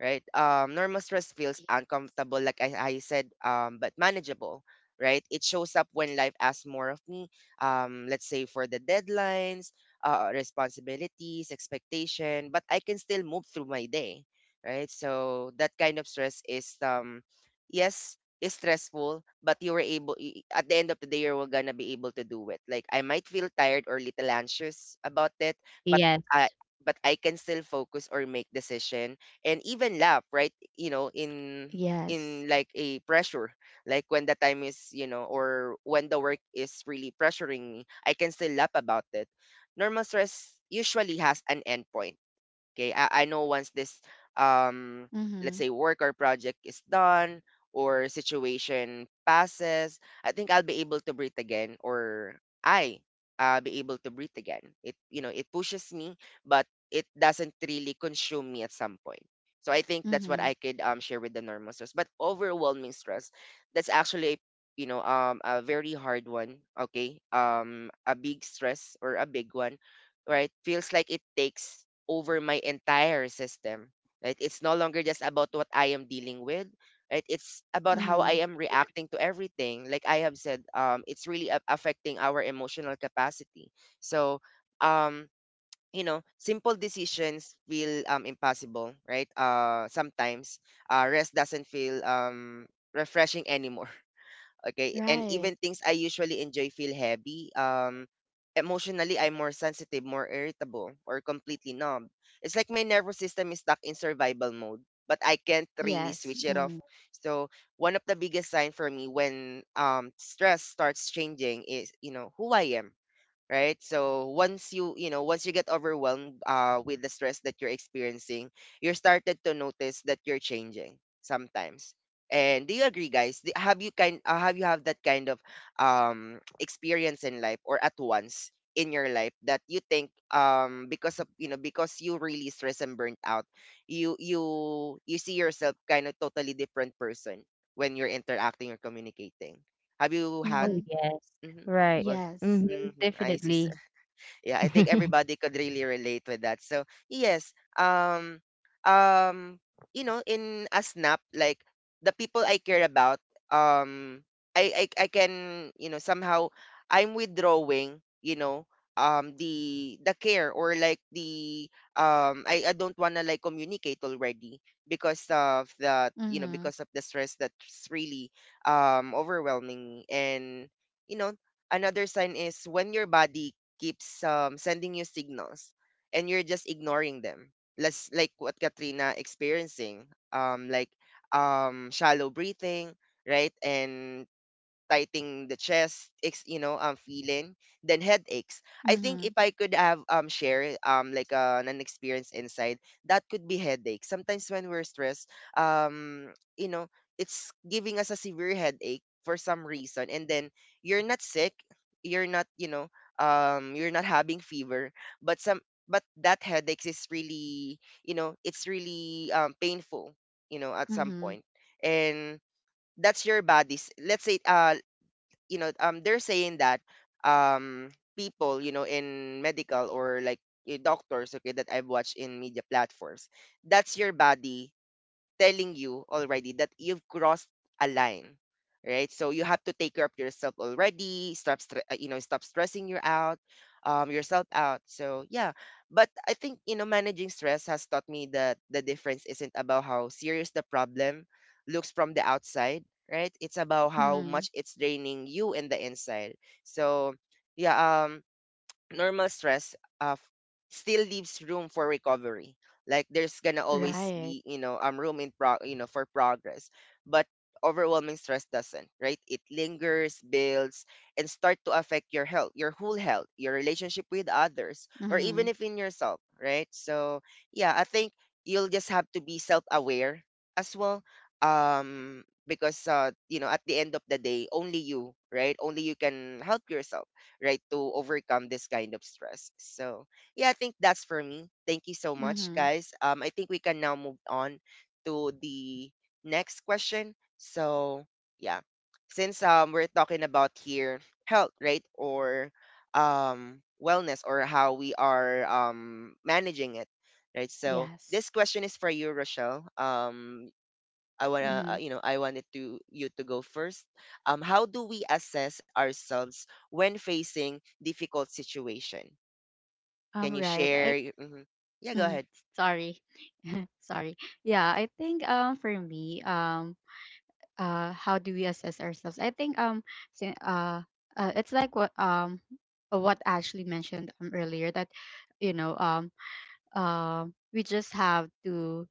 Speaker 1: right? Normal stress feels uncomfortable, like I said, but manageable, right? It shows up when life asks more of me, let's say for the deadlines, responsibilities, expectation, but I can still move through my day, right? So that kind of stress is, yes, is stressful, but you were able, at the end of the day you were gonna be able to do it. Like I might feel tired or little anxious about it, but
Speaker 3: Yes.
Speaker 1: I I can still focus or make decision and even laugh, right? You know,
Speaker 2: Yes.
Speaker 1: in like a pressure, like when the time is, you know, or when the work is really pressuring me, I can still laugh about it. Normal stress usually has an end point. Okay, I know once this um let's
Speaker 2: Mhm.
Speaker 1: say work or project is done or situation passes, I think I'll be able to breathe again. Or I be able to breathe again. It, you know, it pushes me, but it doesn't really consume me at some point. So I think that's what
Speaker 2: Mhm.
Speaker 1: I could share with the normal stress. But overwhelming stress, that's actually, you know, a very hard one, okay? A big stress or a big one, right, feels like it takes over my entire system, right? It's no longer just about what I am dealing with, right? It's about how
Speaker 2: Mhm.
Speaker 1: I am reacting to everything. Like I have said, it's really affecting our emotional capacity. So, um, you know, simple decisions feel impossible, right? Sometimes rest doesn't feel refreshing anymore. Okay. And
Speaker 2: Right.
Speaker 1: even things I usually enjoy feel heavy. Emotionally, I'm more sensitive, more irritable, or completely numb. It's like my nervous system is stuck in survival mode, but I can't really
Speaker 2: Yes.
Speaker 1: switch it off.
Speaker 2: Mhm.
Speaker 1: So one of the biggest sign for me when stress starts changing is, you know, who I am, right? So once you, you know, once you get overwhelmed with the stress that you're experiencing, you're started to notice that you're changing sometimes. And do you agree, guys? Have you have that kind of experience in life, or at once in your life, that you think because of, you know, because you really stress and burnt out, you you you see yourself kind of totally different person when you're interacting or communicating? Have you had?
Speaker 3: Oh
Speaker 2: Mhm.
Speaker 3: yes.
Speaker 1: hmm
Speaker 3: Right.
Speaker 1: well,
Speaker 2: Yes.
Speaker 3: Hmm,
Speaker 1: hmm I see.
Speaker 3: definitely.
Speaker 1: Yeah, I think everybody could really relate with that. So yes, um, um, you know, in a snap, like the people I care about, um, I can, you know, somehow I'm withdrawing, you know, the care or like the, I don't wanna like communicate already because of the, you know,
Speaker 2: Mhm.
Speaker 1: because of the stress that's really overwhelming. And you know, another sign is when your body keeps sending you signals and you're just ignoring them. Let's like what Katrina experiencing, like shallow breathing, right? And tightening the chest, you know, feeling, then headaches. I think
Speaker 2: Mhm.
Speaker 1: if I could have share like an experience inside, that could be headache. Sometimes when we're stressed, um, you know, it's giving us a severe headache for some reason, and then you're not sick, you're not, you're not having fever, but some but that headaches is really it's really painful at some
Speaker 2: Mhm.
Speaker 1: point. And that's your body's, let's say, they're saying that um people, in medical or like doctors, okay, that I've watched in media platforms, that's your body telling you already that you've crossed a line, right? So you have to take care of yourself already. Stop stressing you out, yourself out. So yeah, but I think managing stress has taught me that the difference isn't about how serious the problem looks from the outside, right? It's about how
Speaker 2: Mhm.
Speaker 1: much it's draining you in the inside. So yeah, normal stress uh, f- still leaves room for recovery. Like there's gonna always
Speaker 2: Right.
Speaker 1: be room in pro you know for progress, but overwhelming stress doesn't, right? It lingers, builds, and start to affect your health, your whole health, your relationship with others, or even
Speaker 2: Mhm.
Speaker 1: if in yourself, right? So yeah, I think you'll just have to be self-aware as well, because at the end of the day, only you, right? Only you can help yourself, right, to overcome this kind of stress. So yeah, I think that's for me. Thank you so much,
Speaker 2: Mhm.
Speaker 1: guys. I think we can now move on to the next question. So yeah, since we're talking about here health, right, or wellness, or how we are managing it, right? So
Speaker 2: Yes.
Speaker 1: this question is for you, Rochelle. I wanna,
Speaker 2: Mhm.
Speaker 1: I wanted to you to go first. How do we assess ourselves when facing difficult situation? Can you
Speaker 2: Right.
Speaker 1: share?
Speaker 2: I.
Speaker 1: Mhm. Yeah, go
Speaker 2: Mhm.
Speaker 1: ahead.
Speaker 2: Sorry. Sorry. Yeah, I think for me how do we assess ourselves? I think si- uh, it's like what Ashley mentioned earlier, that you know, we just have to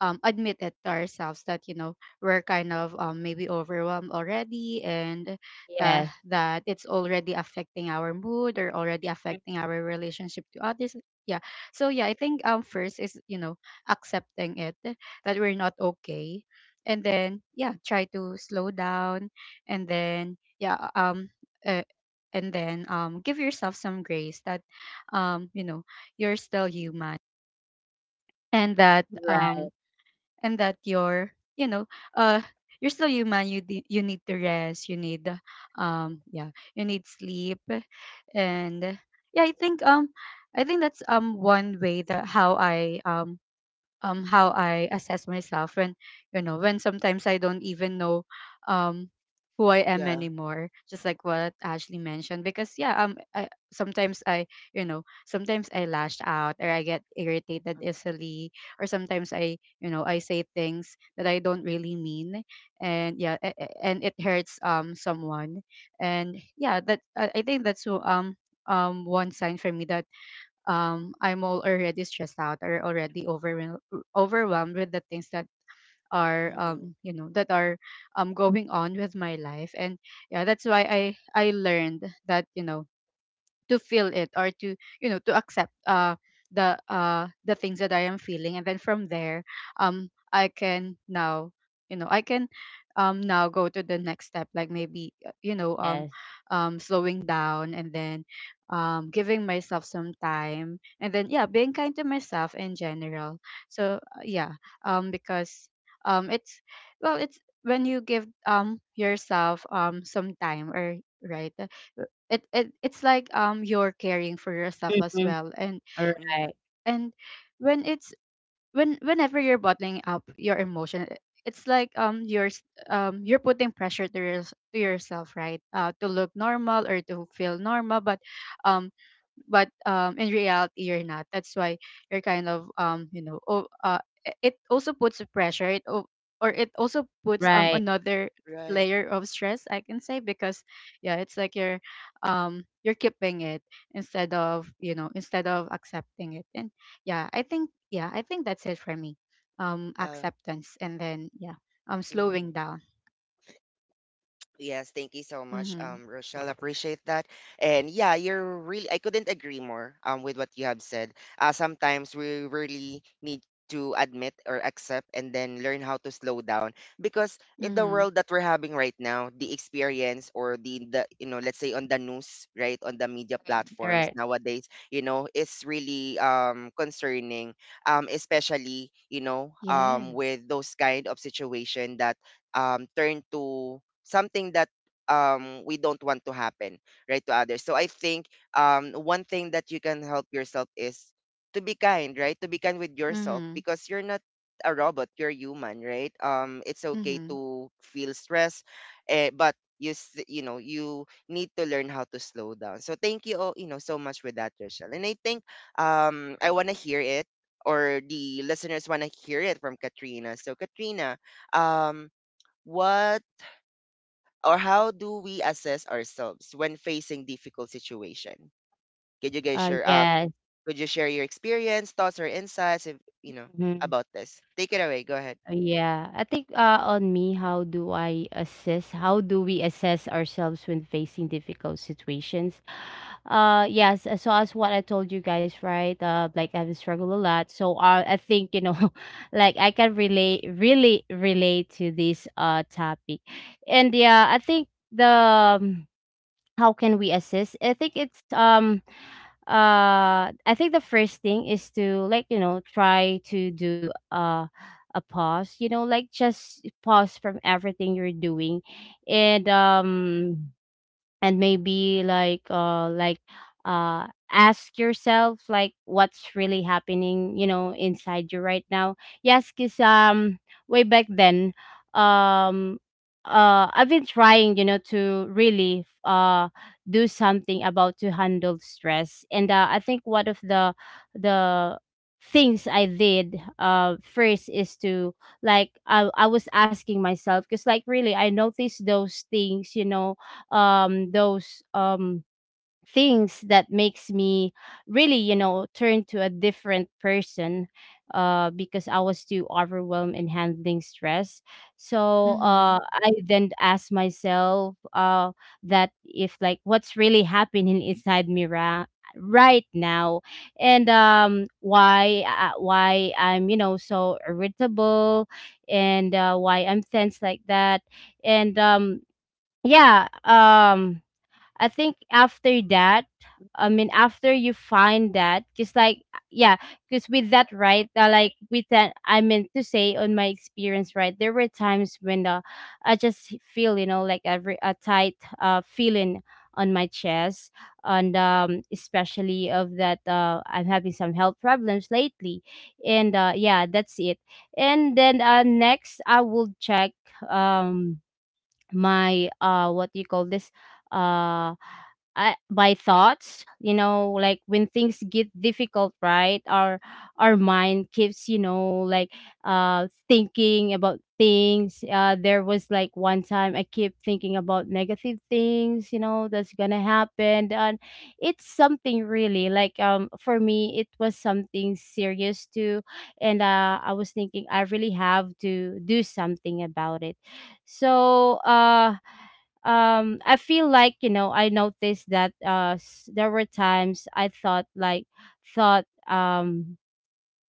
Speaker 2: admit it to ourselves that, you know, we're kind of, maybe overwhelmed already, and that,
Speaker 3: Yes.
Speaker 2: that it's already affecting our mood, or already affecting our relationship to others. Yeah. So yeah, I think first is, you know, accepting it, that we're not okay. And then yeah, try to slow down. And then uh, give yourself some grace, that you know, you're still human, and that
Speaker 3: Right.
Speaker 2: um and that you're, you know, uh you're still human, you you need to rest, you need um yeah you need sleep. And yeah, I think, I think that's one way that how I how I assess myself, when, you know, when sometimes I don't even know um, who I am
Speaker 1: Yeah.
Speaker 2: anymore. Just like what Ashley mentioned, because yeah, I, sometimes I, you know, sometimes I lash out, or I get irritated easily, or sometimes I, you know, I say things that I don't really mean, and yeah, and it hurts someone, and yeah, that I think that's so one sign for me, that I'm already stressed out, or already overwhelmed with the things that are,
Speaker 1: Mm-hmm.
Speaker 2: you know, that are going on with my life. And yeah, that's why I learned that, you know, to feel it, or to, you know, to accept the things that I am feeling, and then from there I can now, you know, I can now go to the next step, like, maybe, you know,
Speaker 3: Yes.
Speaker 2: slowing down, and then giving myself some time, and then yeah, being kind to myself in general. So yeah, because um it's it's, when you give yourself some time, or right, it it's like, you're caring for yourself as
Speaker 3: Mm-hmm.
Speaker 2: well. And
Speaker 3: All
Speaker 1: Mm-hmm.
Speaker 3: right.
Speaker 2: and when it's, when, whenever you're bottling up your emotion, it's like, you're you're putting pressure to, to yourself, right, to look normal, or to feel normal. But um in reality, you're not. That's why you're kind of, you know, it also puts a pressure, or it also puts
Speaker 3: Right.
Speaker 2: another
Speaker 1: Right.
Speaker 2: layer of stress, I can say, because yeah, it's like you're, you're keeping it, instead of, you know, instead of accepting it. And yeah, I think, yeah, I think that's it for me:
Speaker 1: Uh,
Speaker 2: acceptance, and then slowing down.
Speaker 1: Yes, thank you so much,
Speaker 2: Mhm.
Speaker 1: Rochelle. Appreciate that. And yeah, you're really, I couldn't agree more with what you have said. Sometimes we really need to admit or accept and then learn how to slow down, because in the
Speaker 2: Mhm.
Speaker 1: world that we're having right now, the experience or let's say on the news, right, on the media
Speaker 3: All
Speaker 1: platforms
Speaker 3: right.
Speaker 1: nowadays, it's really concerning, especially,
Speaker 2: Yes.
Speaker 1: with those kind of situation that turn to something that we don't want to happen, right, to others. So I think one thing that you can help yourself is to be kind, right, to be kind with yourself,
Speaker 2: Mhm.
Speaker 1: because you're not a robot, you're human, right? It's okay
Speaker 2: Mhm.
Speaker 1: to feel stress, but you s- you know you need to learn how to slow down. So thank you all, so much with that, Rachel. And I think I want to hear it, or the listeners want to hear it from Katrina. So Katrina, um, what or how do we assess ourselves when facing difficult situation? Could you guys share?
Speaker 3: Yes.
Speaker 1: Could you share your experience, thoughts, or insights, if you know
Speaker 3: Mhm.
Speaker 1: about this? Take it away, go ahead.
Speaker 3: Yeah, I think, on me, how do I assess? How do we assess ourselves when facing difficult situations? Yes. So, as what I told you guys, right? Like, I've struggled a lot. So, I think, you know, like, I can relate, really relate to this topic, and yeah, I think the, um, how can we assess? I think it's, I think the first thing is to, like, you know, try to do a pause, you know, like, just pause from everything you're doing, and um and maybe, like, ask yourself, like, what's really happening, you know, inside you right now. Yes, because, way back then, um I've been trying, you know, to really do something about to handle stress, and I think one of the things I did first is to, like, I was asking myself, because, like, really I noticed those things, you know, those things that makes me really, you know, turn to a different person, because I was too overwhelmed in handling stress. So,
Speaker 2: Mhm.
Speaker 3: I then asked myself, that if, like, what's really happening inside me, right now, and why, I'm, you know, so irritable, and, why I'm tense, like that. And yeah, I think after that, I mean, after you find that, because, like, yeah, because with that, right, like, with that, I meant to say on my experience, right, there were times when, I just feel, you know, like, every a tight feeling on my chest, and, especially of that, I'm having some health problems lately, and yeah, that's it. And then, next, I will check, um my, what do you call this, uh my thoughts. You know, like, when things get difficult, right, our mind keeps, you know, like, thinking about things. There was, like, one time I keep thinking about negative things, you know, that's gonna happen, and it's something really, like, for me it was something serious too. And I was thinking, I really have to do something about it. So, I feel like, you know, I noticed that, there were times I thought, like, thought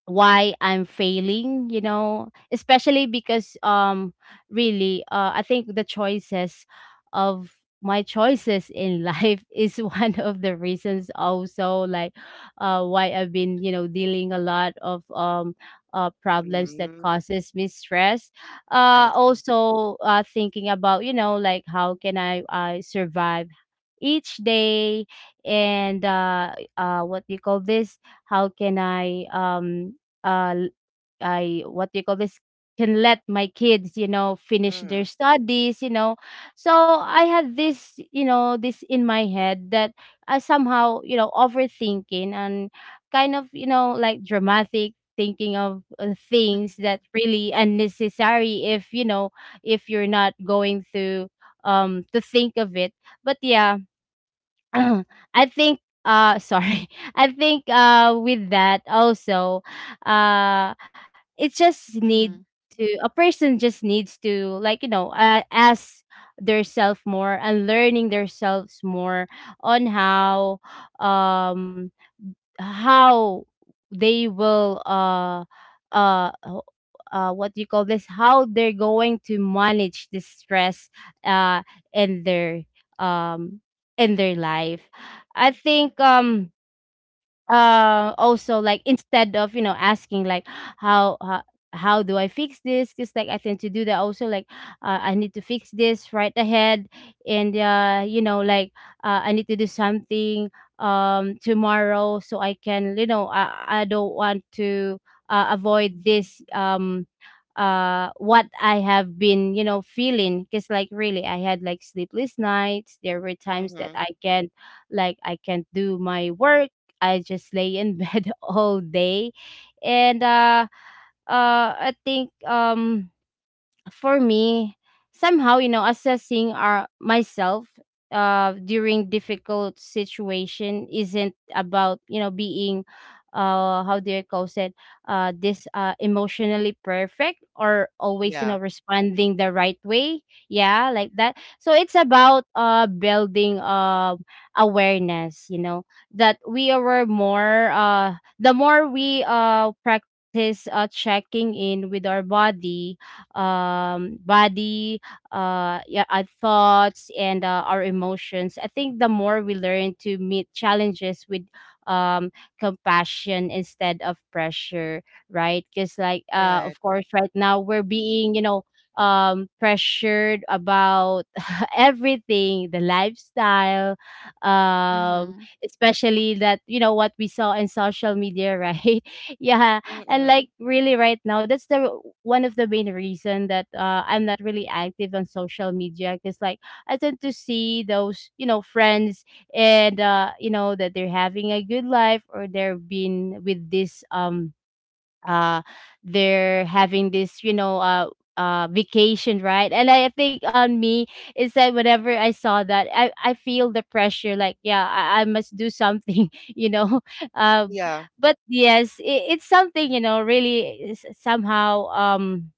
Speaker 3: why I'm failing, you know, especially because, really, I think the choices of my choices in life is one of the reasons also, like, why I've been, you know, dealing a lot of, problems that
Speaker 1: Mm,
Speaker 3: causes me stress.
Speaker 1: I see.
Speaker 3: Also, thinking about, you know, like, how can I survive each day, and, what do you call this, how can I, uh l- what do you call this, can let my kids, you know, finish their
Speaker 1: Mm,
Speaker 3: studies, you know. So I had this, you know, this in my head that I somehow, you know, overthinking, and kind of, you know, like, dramatic thinking of,
Speaker 2: Mhm.
Speaker 3: things that really unnecessary, if, you know, if you're not going to, to think of it. But yeah, I think, sorry. I think, with that also, uh it's just need
Speaker 2: Mhm.
Speaker 3: to a person just needs to, like, ask theirself more and learning themselves more on how, um how they will uh ho- what do you call this, how they're going to manage the stress uh in their, um in their life. I think, also, like, instead of, asking, like, how how, how do I fix this? Just like I tend to do that also, like, I need to fix this right ahead. And, I need to do something, tomorrow, so I can, I don't want to avoid this, what I have been, feeling. Because, like, really I had like sleepless nights. There were times that
Speaker 1: mm-hmm.
Speaker 3: I can't, like, I can't do my work. I just lay in bed all day. And I think, for me, somehow, you know, assessing our myself during difficult situation isn't about, you know, being, how do you call it, this emotionally perfect or always, you know,
Speaker 1: Yeah,
Speaker 3: responding the right way. Yeah, like that. So it's about building awareness, you know, that we are more, the more we practice checking in with our body, um, body, yeah, our thoughts and, our emotions. I think the more we learn to meet challenges with, um, compassion instead of pressure, right? Because, like, of
Speaker 1: right.
Speaker 3: course, right now we're being, you know, pressured about everything, the lifestyle, um
Speaker 2: Mhm.
Speaker 3: especially that, you know, what we saw in social media, right? Yeah. And,
Speaker 1: Mm-mm.
Speaker 3: like, really right now, that's the one of the main reason that I'm not really active on social media, because, like, I tend to see those, you know, friends. And, you know, that they're having a good life, or they're been with this, uh they're having this, you know, vacation, right? And I think on me is that whenever I saw that, I feel the pressure, like, yeah, I must do something, you know. uh
Speaker 1: Yeah,
Speaker 3: but yes, it's something, you know, really is somehow, um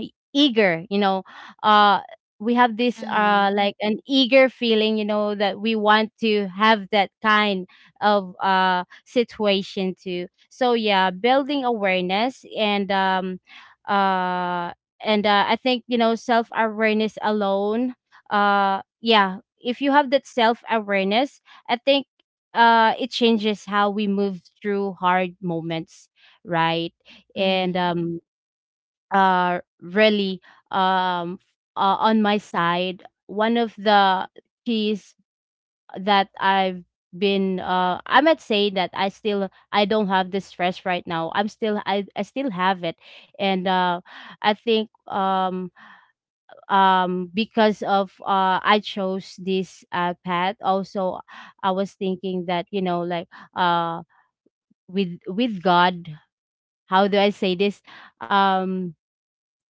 Speaker 3: e- eager, you know. uh we have this,
Speaker 2: Mhm.
Speaker 3: like, an eager feeling, you know, that we want to have that kind of situation too. So yeah, building awareness, and, uh I think, you know, self awareness alone. Yeah, if you have that self awareness, I think it changes how we move through hard moments, right? And,
Speaker 2: Mhm.
Speaker 3: really, um on my side, one of the keys that I've been, I might say that I still, I don't have the stress right now, I'm still, I still have it. And, I think, because of, I chose this path also. I was thinking that, you know, like, uh with God, how do I say this, um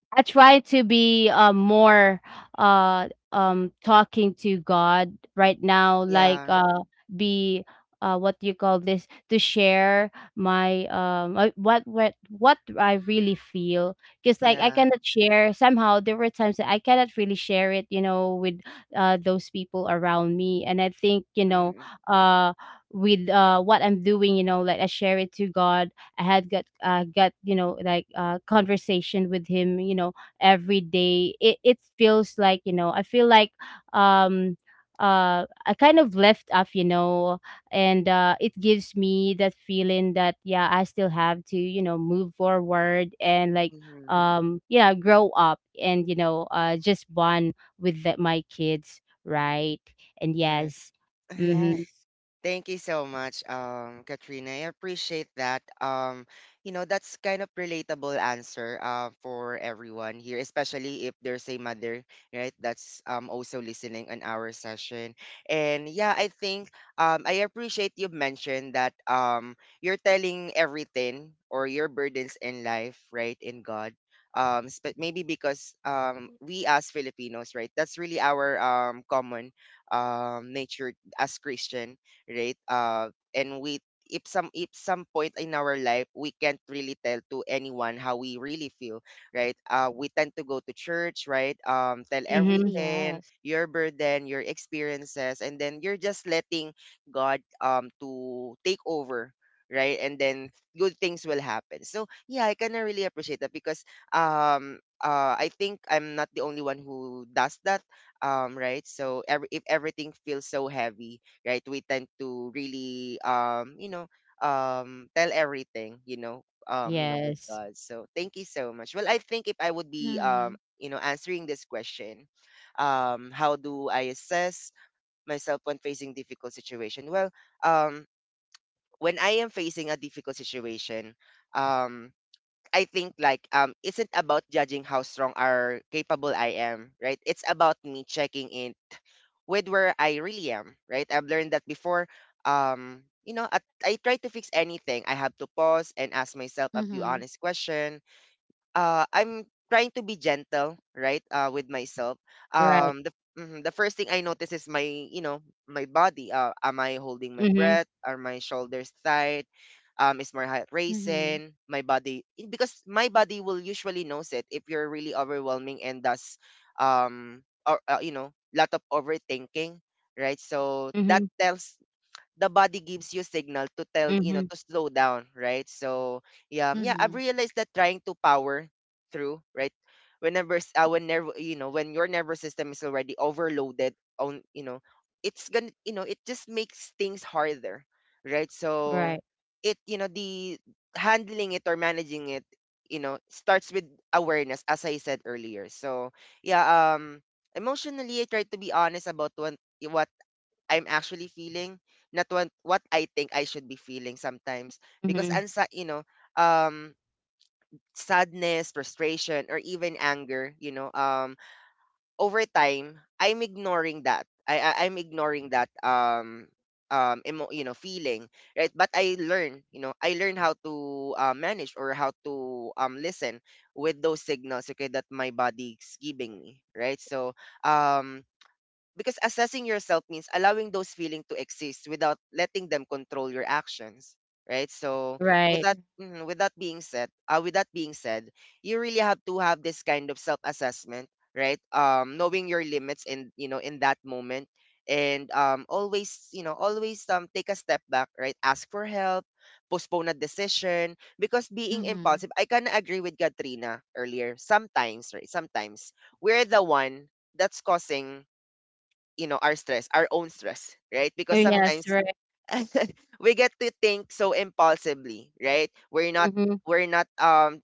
Speaker 3: I try to be, more, talking to God right now, like,
Speaker 1: yeah,
Speaker 3: be, what do you call this, to share my, what what I really feel. Because, like, I
Speaker 1: yeah.
Speaker 3: cannot share, somehow there were times that I cannot really share it, you know, with those people around me. And I think, you know,
Speaker 1: Mm-mm.
Speaker 3: uh with what I'm doing, you know, like, I share it to God. I had got, got, you know, like, conversation with him, you know, every day. It feels like, you know, I feel like, um I kind of left off, you know. And, it gives me that feeling that yeah, I still have to, you know, move forward, and, like,
Speaker 1: Mm-hmm.
Speaker 3: yeah, grow up, and, you know, just bond with my kids, right? And
Speaker 1: Right.
Speaker 3: yes. Mm-hmm.
Speaker 2: Yes.
Speaker 1: Thank you so much, Katrina. I appreciate that. You know, that's kind of relatable answer for everyone here, especially if there's a mother, right, that's also listening on our session. And yeah, I think I appreciate you mentioned that you're telling everything or your burdens in life, right, in God. But maybe because we as Filipinos, right, that's really our common nature as Christian, right? And we, if some, if some point in our life we can't really tell to anyone how we really feel, right, we tend to go to church, right, tell
Speaker 3: Mm-hmm.
Speaker 1: everything,
Speaker 2: Yes.
Speaker 1: your burden, your experiences, and then you're just letting God to take over, right? And then good things will happen. So yeah, I kind of really appreciate that, because um I think I'm not the only one who does that, right? So every, if everything feels so heavy, right? We tend to really tell everything, with
Speaker 3: Yes.
Speaker 1: God. So thank you so much. Well, I think if I would be
Speaker 2: Mhm.
Speaker 1: answering this question, how do I assess myself when facing difficult situation? Well, um when I am facing a difficult situation, um I think like isn't about judging how strong or capable I am, right? It's about me checking in with where I really am, right? I've learned that before. At, I try to fix anything. I have to pause and ask myself a few
Speaker 2: Mhm.
Speaker 1: honest questions. I'm trying to be gentle, right, with myself.
Speaker 3: Right.
Speaker 1: Um, the mhm, the first thing I notice is my, my body. Am I holding my
Speaker 3: Mm-hmm.
Speaker 1: breath? Are my shoulders tight? Is my heart
Speaker 2: Mhm.
Speaker 1: racing? My body, because my body will usually knows it if you're really overwhelming and does, or lot of overthinking, right? So
Speaker 3: Mm-hmm.
Speaker 1: that tells, the body gives you signal to tell
Speaker 3: Mm-hmm.
Speaker 1: to slow down, right? So yeah, yeah, I've
Speaker 2: Mhm.
Speaker 1: realized that trying to power through, right, whenever when your nervous system is already overloaded on, it's gonna, it just makes things harder, right?
Speaker 3: Right.
Speaker 1: So it, the handling it or managing it, starts with awareness, as I said earlier. So yeah, emotionally I try to be honest about what I'm actually feeling, not what, what I think I should be feeling sometimes.
Speaker 3: Mhm.
Speaker 1: Because ansa, um sadness, frustration, or even anger, over time, I'm ignoring that. I I'm ignoring that emo, you know feeling, right? But I learn, I learn how to, manage or how to listen with those signals, okay, that my body's giving me, right? So um because assessing yourself means allowing those feelings to exist without letting them control your actions, right? So
Speaker 3: Right.
Speaker 1: with that, with that being said, you really have to have this kind of self-assessment, right? Knowing your limits in, in that moment, and always, always take a step back, right? Ask for help, postpone a decision, because being
Speaker 2: Mhm.
Speaker 1: impulsive, I kind of agree with Katrina earlier. Sometimes, right? Sometimes we're the one that's causing, our stress, our own stress, right?
Speaker 3: Oh,
Speaker 1: Because
Speaker 3: yes,
Speaker 1: sometimes
Speaker 2: Yes.
Speaker 3: right.
Speaker 1: we get to think so impulsively, right? We're not,
Speaker 3: Mhm.
Speaker 1: we're not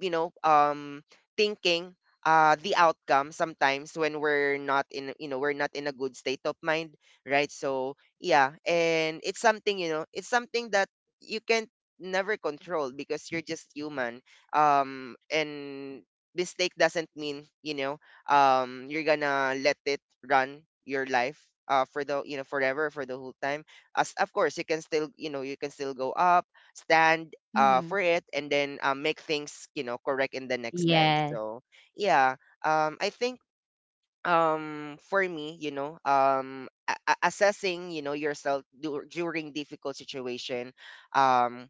Speaker 1: you know um thinking the outcome sometimes when we're not in, we're not in a good state of mind, right? So yeah, and it's something, it's something that you can never control, because you're just human. And mistake doesn't mean, you're gonna let it run your life for the, forever, for the whole time. As of course you can still, you can still go up, stand
Speaker 2: Mhm.
Speaker 1: for it, and then make things, correct in the next time.
Speaker 3: Yes.
Speaker 1: So yeah, I think for me, assessing, yourself during difficult situation, um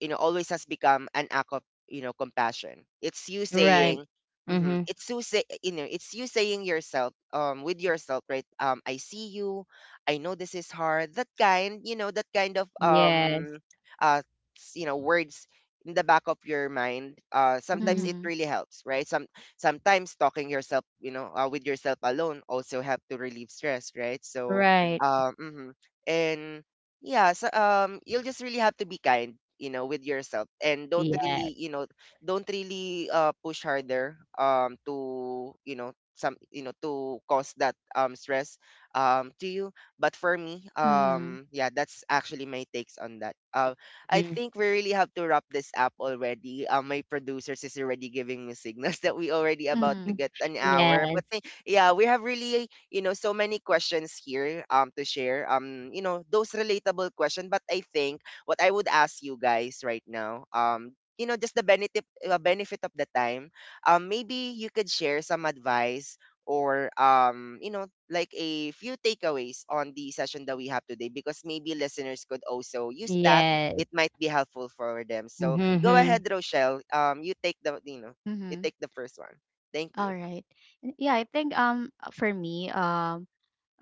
Speaker 1: you know, always has become an act of, compassion. It's you
Speaker 3: Right.
Speaker 1: saying,
Speaker 3: Mhm.
Speaker 1: it's you saying yourself, with yourself, right? Um, I see you, I know this is hard. That kind, that kind of
Speaker 3: Yes.
Speaker 1: uh words in the back of your mind, sometimes
Speaker 3: Mhm.
Speaker 1: it
Speaker 2: Mhm.
Speaker 1: really helps, right? Some, sometimes talking yourself, with yourself alone also help to relieve stress, right? So
Speaker 3: Right.
Speaker 1: mhm. And yeah, so you'll just really have to be kind, with yourself, and don't
Speaker 3: Yes.
Speaker 1: really, don't really push harder to, you know, some you know to cause that stress to you. But for me,
Speaker 2: Mhm.
Speaker 1: yeah, that's actually my takes on that. I
Speaker 3: Mhm.
Speaker 1: think we really have to wrap this up already. My producers is already giving me signals that we already about to
Speaker 2: Mhm.
Speaker 1: get an hour. But
Speaker 3: Yes.
Speaker 1: yeah, we have really, so many questions here to share. Those relatable questions. But I think what I would ask you guys right now, just the benefit benefit of the time. Maybe you could share some advice or, like a few takeaways on the session that we have today, because maybe listeners could also use that.
Speaker 3: Yes.
Speaker 1: It might be helpful for them. So go
Speaker 3: Mhm.
Speaker 1: ahead, Rochelle. You
Speaker 2: Mhm.
Speaker 1: take the first one. Thank
Speaker 2: All
Speaker 1: you.
Speaker 2: right. And yeah, I think for me, um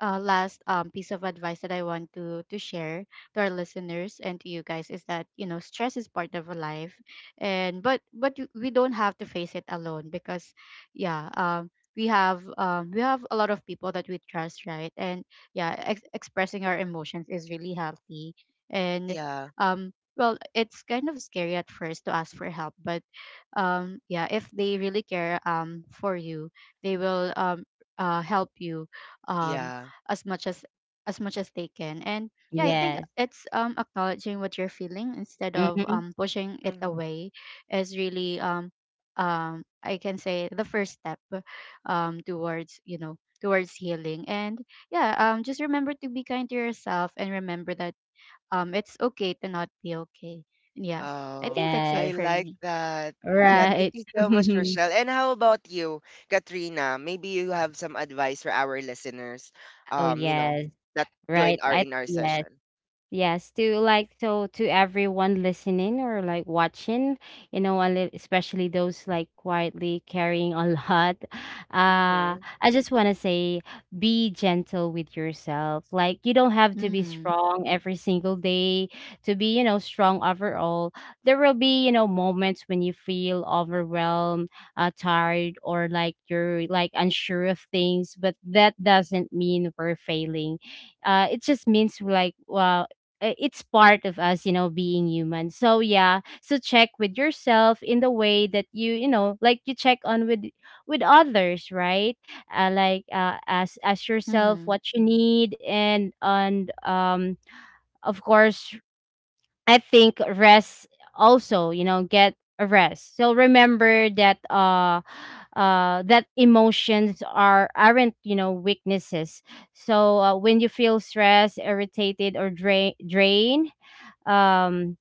Speaker 2: uh, last piece of advice that I want to share to our listeners and to you guys, is that, you know, stress is part of life, and but we don't have to face it alone, because yeah, we have a lot of people that we trust, right? And yeah, expressing our emotions is really healthy, and
Speaker 1: Yeah.
Speaker 2: um, well, it's kind of scary at first to ask for help, but yeah, if they really care for you, they will help you um
Speaker 1: Yeah.
Speaker 2: as much as as much as they can. And yeah, I
Speaker 1: Yes.
Speaker 2: think
Speaker 3: Yes.
Speaker 2: it's acknowledging what you're feeling, instead of
Speaker 3: Mhm.
Speaker 2: pushing it
Speaker 1: Mhm.
Speaker 2: away, is really I can say the first step towards, you know, towards healing. And yeah, just remember to be kind to yourself, and remember that it's okay to not be okay. Yeah, I
Speaker 1: Oh,
Speaker 2: think that's it
Speaker 1: I
Speaker 3: Yes.
Speaker 2: for
Speaker 1: like
Speaker 2: me.
Speaker 1: that. Yeah,
Speaker 2: Mhm.
Speaker 1: thank
Speaker 3: Right.
Speaker 1: you so much, Rochelle. And how about you, Katrina? Maybe you have some advice for our listeners,
Speaker 3: Oh,
Speaker 1: um, you know,
Speaker 3: yes.
Speaker 1: that join
Speaker 3: Right.
Speaker 1: our
Speaker 3: I
Speaker 1: in our
Speaker 3: Yes.
Speaker 1: session.
Speaker 3: Yes, to, like, so, to everyone listening or, like, watching, you know, especially those, like, quietly carrying a lot.
Speaker 1: Mm-hmm.
Speaker 3: I just want to say, be gentle with yourself. Like, you don't have to be
Speaker 2: Mhm.
Speaker 3: strong every single day to be, you know, strong overall. There will be, you know, moments when you feel overwhelmed, tired, or, like, you're, like, unsure of things, but that doesn't mean we're failing. It just means, like, well, it's part of us, you know, being human. So yeah, so check with yourself in the way that you know, like, you check on with others, right? Like, ask yourself
Speaker 2: Mhm.
Speaker 3: what you need. And, of course, I think rest also, you know, get a rest. So remember that that emotions aren't, you know, weaknesses. So, when you feel stressed, irritated, or drained, um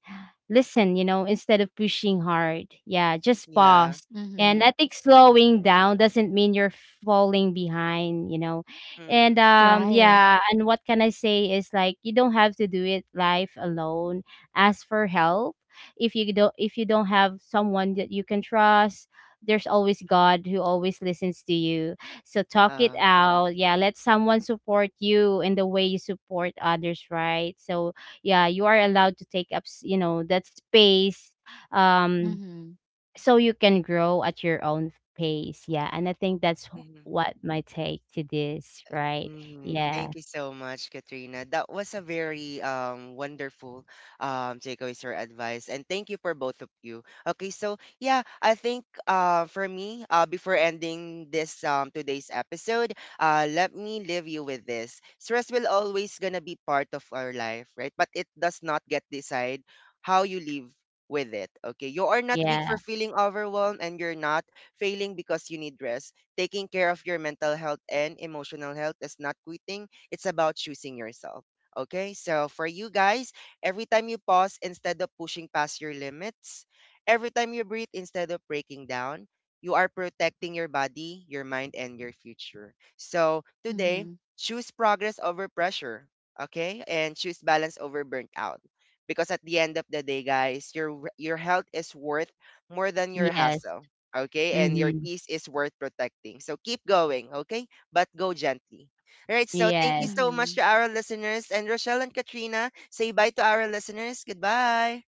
Speaker 3: listen, you know, instead of pushing hard. Yeah, just
Speaker 1: Yeah.
Speaker 3: pause. And
Speaker 2: Mhm.
Speaker 3: I think slowing down doesn't mean you're falling behind, you know. And,
Speaker 1: Mm-hmm.
Speaker 2: Right.
Speaker 3: yeah, and what can I say is, like, you don't have to do it life alone. Ask for help. If you don't have someone that you can trust, there's always God who always listens to you. So talk it
Speaker 1: Um,
Speaker 3: out. Yeah, let someone support you in the way you support others, right? So yeah, you are allowed to take up, you know, that space, um
Speaker 2: Mhm.
Speaker 3: so you can grow at your own pace. Yeah. And I think that's
Speaker 1: mhm.
Speaker 3: what my take to this, right?
Speaker 1: Mhm.
Speaker 3: Yeah.
Speaker 1: Thank you so much, Katrina. That was a very wonderful takeaways or advice, and thank you for both of you. Okay, so yeah, I think for me before ending this today's episode, let me leave you with this. Stress will always gonna be part of our life, right? But it does not get decide how you live with it. Okay, you are not weak
Speaker 3: Yeah.
Speaker 1: for feeling overwhelmed, and you're not failing because you need rest. Taking care of your mental health and emotional health is not quitting, it's about choosing yourself. Okay, so for you guys, every time you pause instead of pushing past your limits, every time you breathe instead of breaking down, you are protecting your body, your mind, and your future. So today,
Speaker 2: Mhm.
Speaker 1: choose progress over pressure, okay? And choose balance over burnt out. Because at the end of the day, guys, your health is worth more than your
Speaker 3: Yes.
Speaker 1: hassle, okay? And your
Speaker 3: Mm-hmm.
Speaker 1: peace is worth protecting. So keep going, okay? But go gently. All right, so thank
Speaker 3: Yes.
Speaker 1: you so much
Speaker 2: Mhm.
Speaker 1: to our listeners. And Rochelle and Katrina, say bye to our listeners. Goodbye.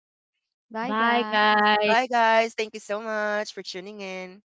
Speaker 2: Bye,
Speaker 3: Bye,
Speaker 2: guys.
Speaker 3: guys.
Speaker 1: Bye, guys. Thank you so much for tuning in.